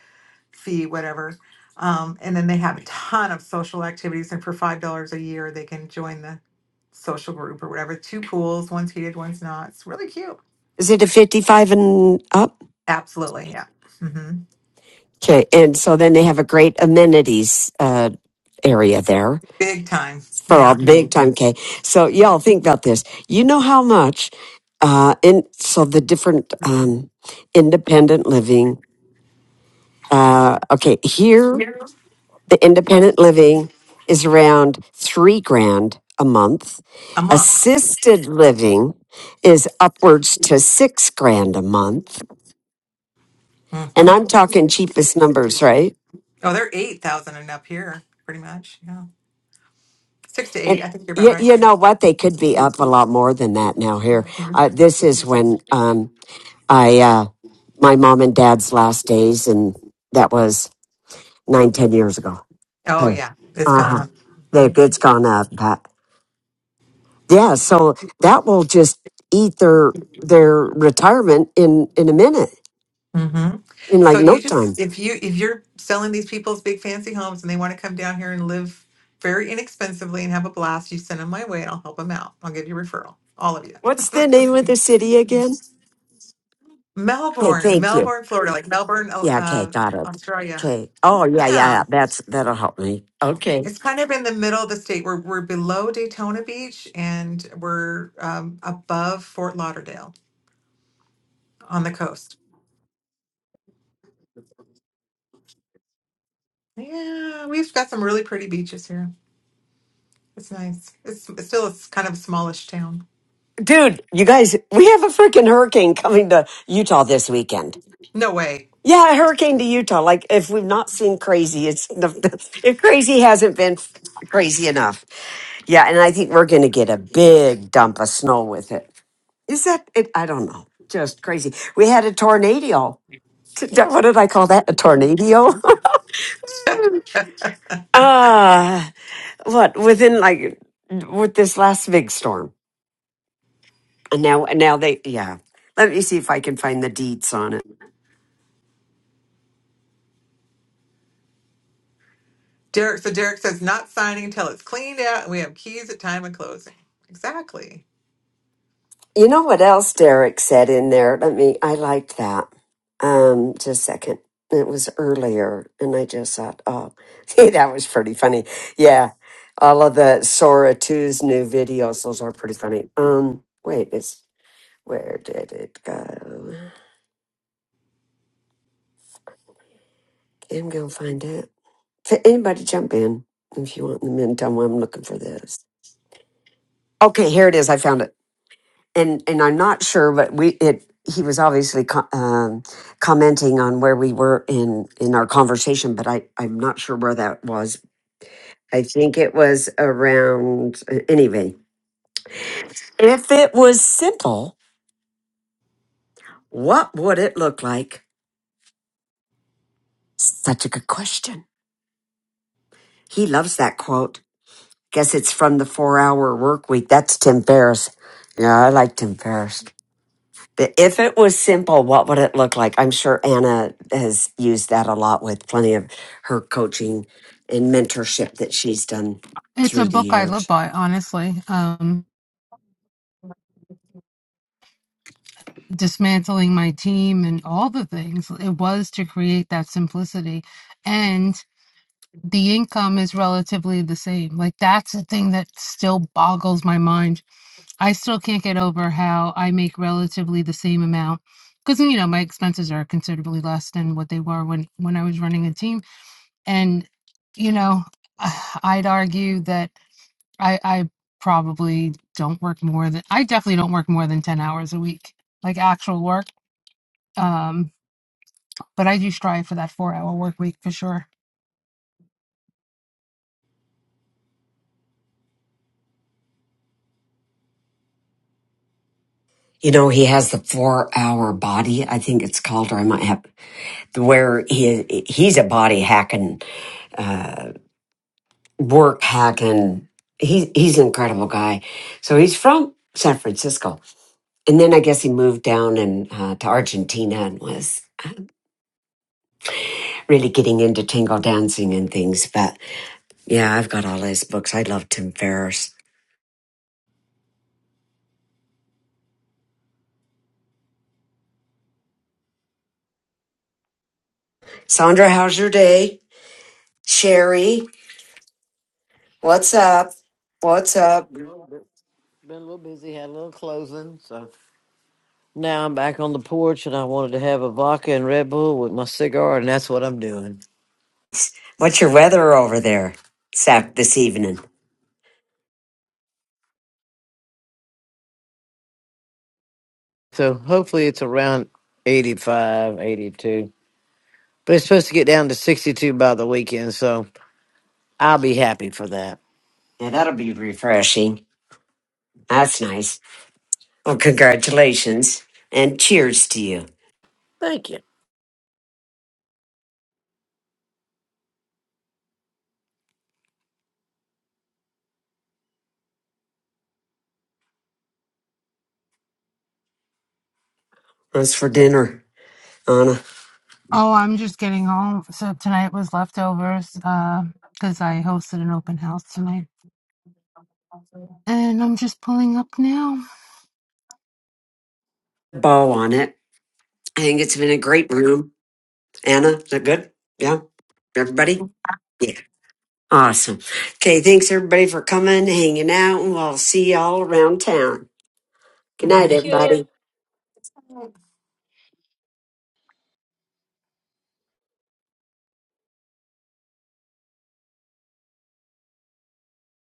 fee, whatever. Um, and then they have a ton of social activities, and for five dollars a year, they can join the social group or whatever. Two pools, one's heated, one's not. It's really cute. Is it a 55 and up? Absolutely, yeah. hmm Okay. And so then they have a great amenities uh, area there Big time, for all yeah. big time Okay, So y'all think about this. You know how much, uh, in, so the different um, independent living. Uh, okay. Here the independent living is around three grand a month. A month. Assisted living is upwards to six grand a month. And hmm I'm talking cheapest numbers, right? Oh, they're eight thousand and up here, pretty much. Yeah, six to eight. And I think you're about you, right. you know what? They could be up a lot more than that now here. Mhm. Uh, this is when um, I, uh, my mom and dad's last days, and that was nine, ten years ago. Oh Okay. yeah, it's Uh gone huh. up. They've, it's gone up. Yeah, so that will just eat their their retirement in in a minute, hmm in So like you no time. just if you if you're selling these people's big fancy homes and they want to come down here and live very inexpensively and have a blast, you send them my way and I'll help them out. I'll give you a referral, all of What's the you. name of the city again? Okay, Melbourne, thank you. Melbourne, Florida, like Melbourne, uh, Yeah, okay, uh, got it. Australia. Okay. Oh yeah, yeah, Yeah, yeah. That's that'll help me. Okay. it's kind of in the middle of the state. We're we're below Daytona Beach and we're um, above Fort Lauderdale on the coast. Yeah, we've got some really pretty beaches here. It's nice. It's, it's still a s- kind of a smallish town. Dude, you guys we have a freaking hurricane coming to Utah this weekend. No way. Yeah, a hurricane to Utah. Like if we've not seen crazy, it's if crazy hasn't been crazy enough. Yeah, and I think we're gonna get a big dump of snow with it. Is that it? I don't know. Just crazy. We had a tornado. T- t- What did I call that? A tornado? Ah, what within like with this last big storm. And now, and now they, yeah. Let me see if I can find the deets on it. Derek, so Derek says not signing until it's cleaned out and we have keys at time of closing. Exactly. You know what else Derek said in there? Let me, I liked that. Um, just a second. It was earlier, and I just thought, oh, see, that was pretty funny. Yeah. All of the Sora Two's new videos, those are pretty funny. Um, wait, it's where did it go? I'm gonna find it. F- Anybody jump in if you want in the meantime while I'm looking for this. Okay, here it is. I found it. and and I'm not sure, but we it he was obviously co- um, commenting on where we were in in our conversation, but I I'm not sure where that was. I think it was around anyway. If it was simple, what would it look like? Such a good question. He loves that quote. Guess it's from the Four Hour Work Week. That's Tim Ferriss. Yeah, I like Tim Ferriss. If it was simple, what would it look like? I'm sure Anna has used that a lot with plenty of her coaching and mentorship that she's done It's a through the book I live years. by, honestly. Um, dismantling my team and all the things. It was to create that simplicity. And the income is relatively the same. Like, that's the thing that still boggles my mind. I still can't get over how I make relatively the same amount. Because, you know, my expenses are considerably less than what they were when, when I was running a team And, you know, I'd argue that I, I probably don't work more than, I definitely don't work more than 10 hours a week, like actual work. Um, but I do strive for that four hour work week for sure. You know, he has the four hour body, I think it's called, or I might have, where he he's a body hacking, uh, work hacking. He, he's an incredible guy. So he's from San Francisco. And then I guess he moved down and uh, to Argentina and was really getting into tango dancing and things. But Yeah, I've got all his books. I love Tim Ferriss. Sandra, how's your day? Sherry, what's up? What's up? Well, Been been a little busy, had a little closing, so now I'm back on the porch, and I wanted to have a vodka and Red Bull with my cigar, and that's what I'm doing. What's your weather over there sap this evening? So hopefully it's around 85, 82, but it's supposed to get down to 62 by the weekend, so I'll be happy for that. Yeah, that'll be refreshing. That's nice. Well, congratulations and cheers to you. Thank you. That's for dinner, Anna. Oh, I'm just getting home. So tonight was leftovers, uh, because I hosted an open house tonight. And I'm just pulling up now. Ball on it. I think it's been a great room. Anna, is that good? Yeah, everybody? Yeah. Awesome. Okay, thanks everybody for coming, hanging out, and we'll see y'all around town. Good night, Thank you. everybody. Mhm.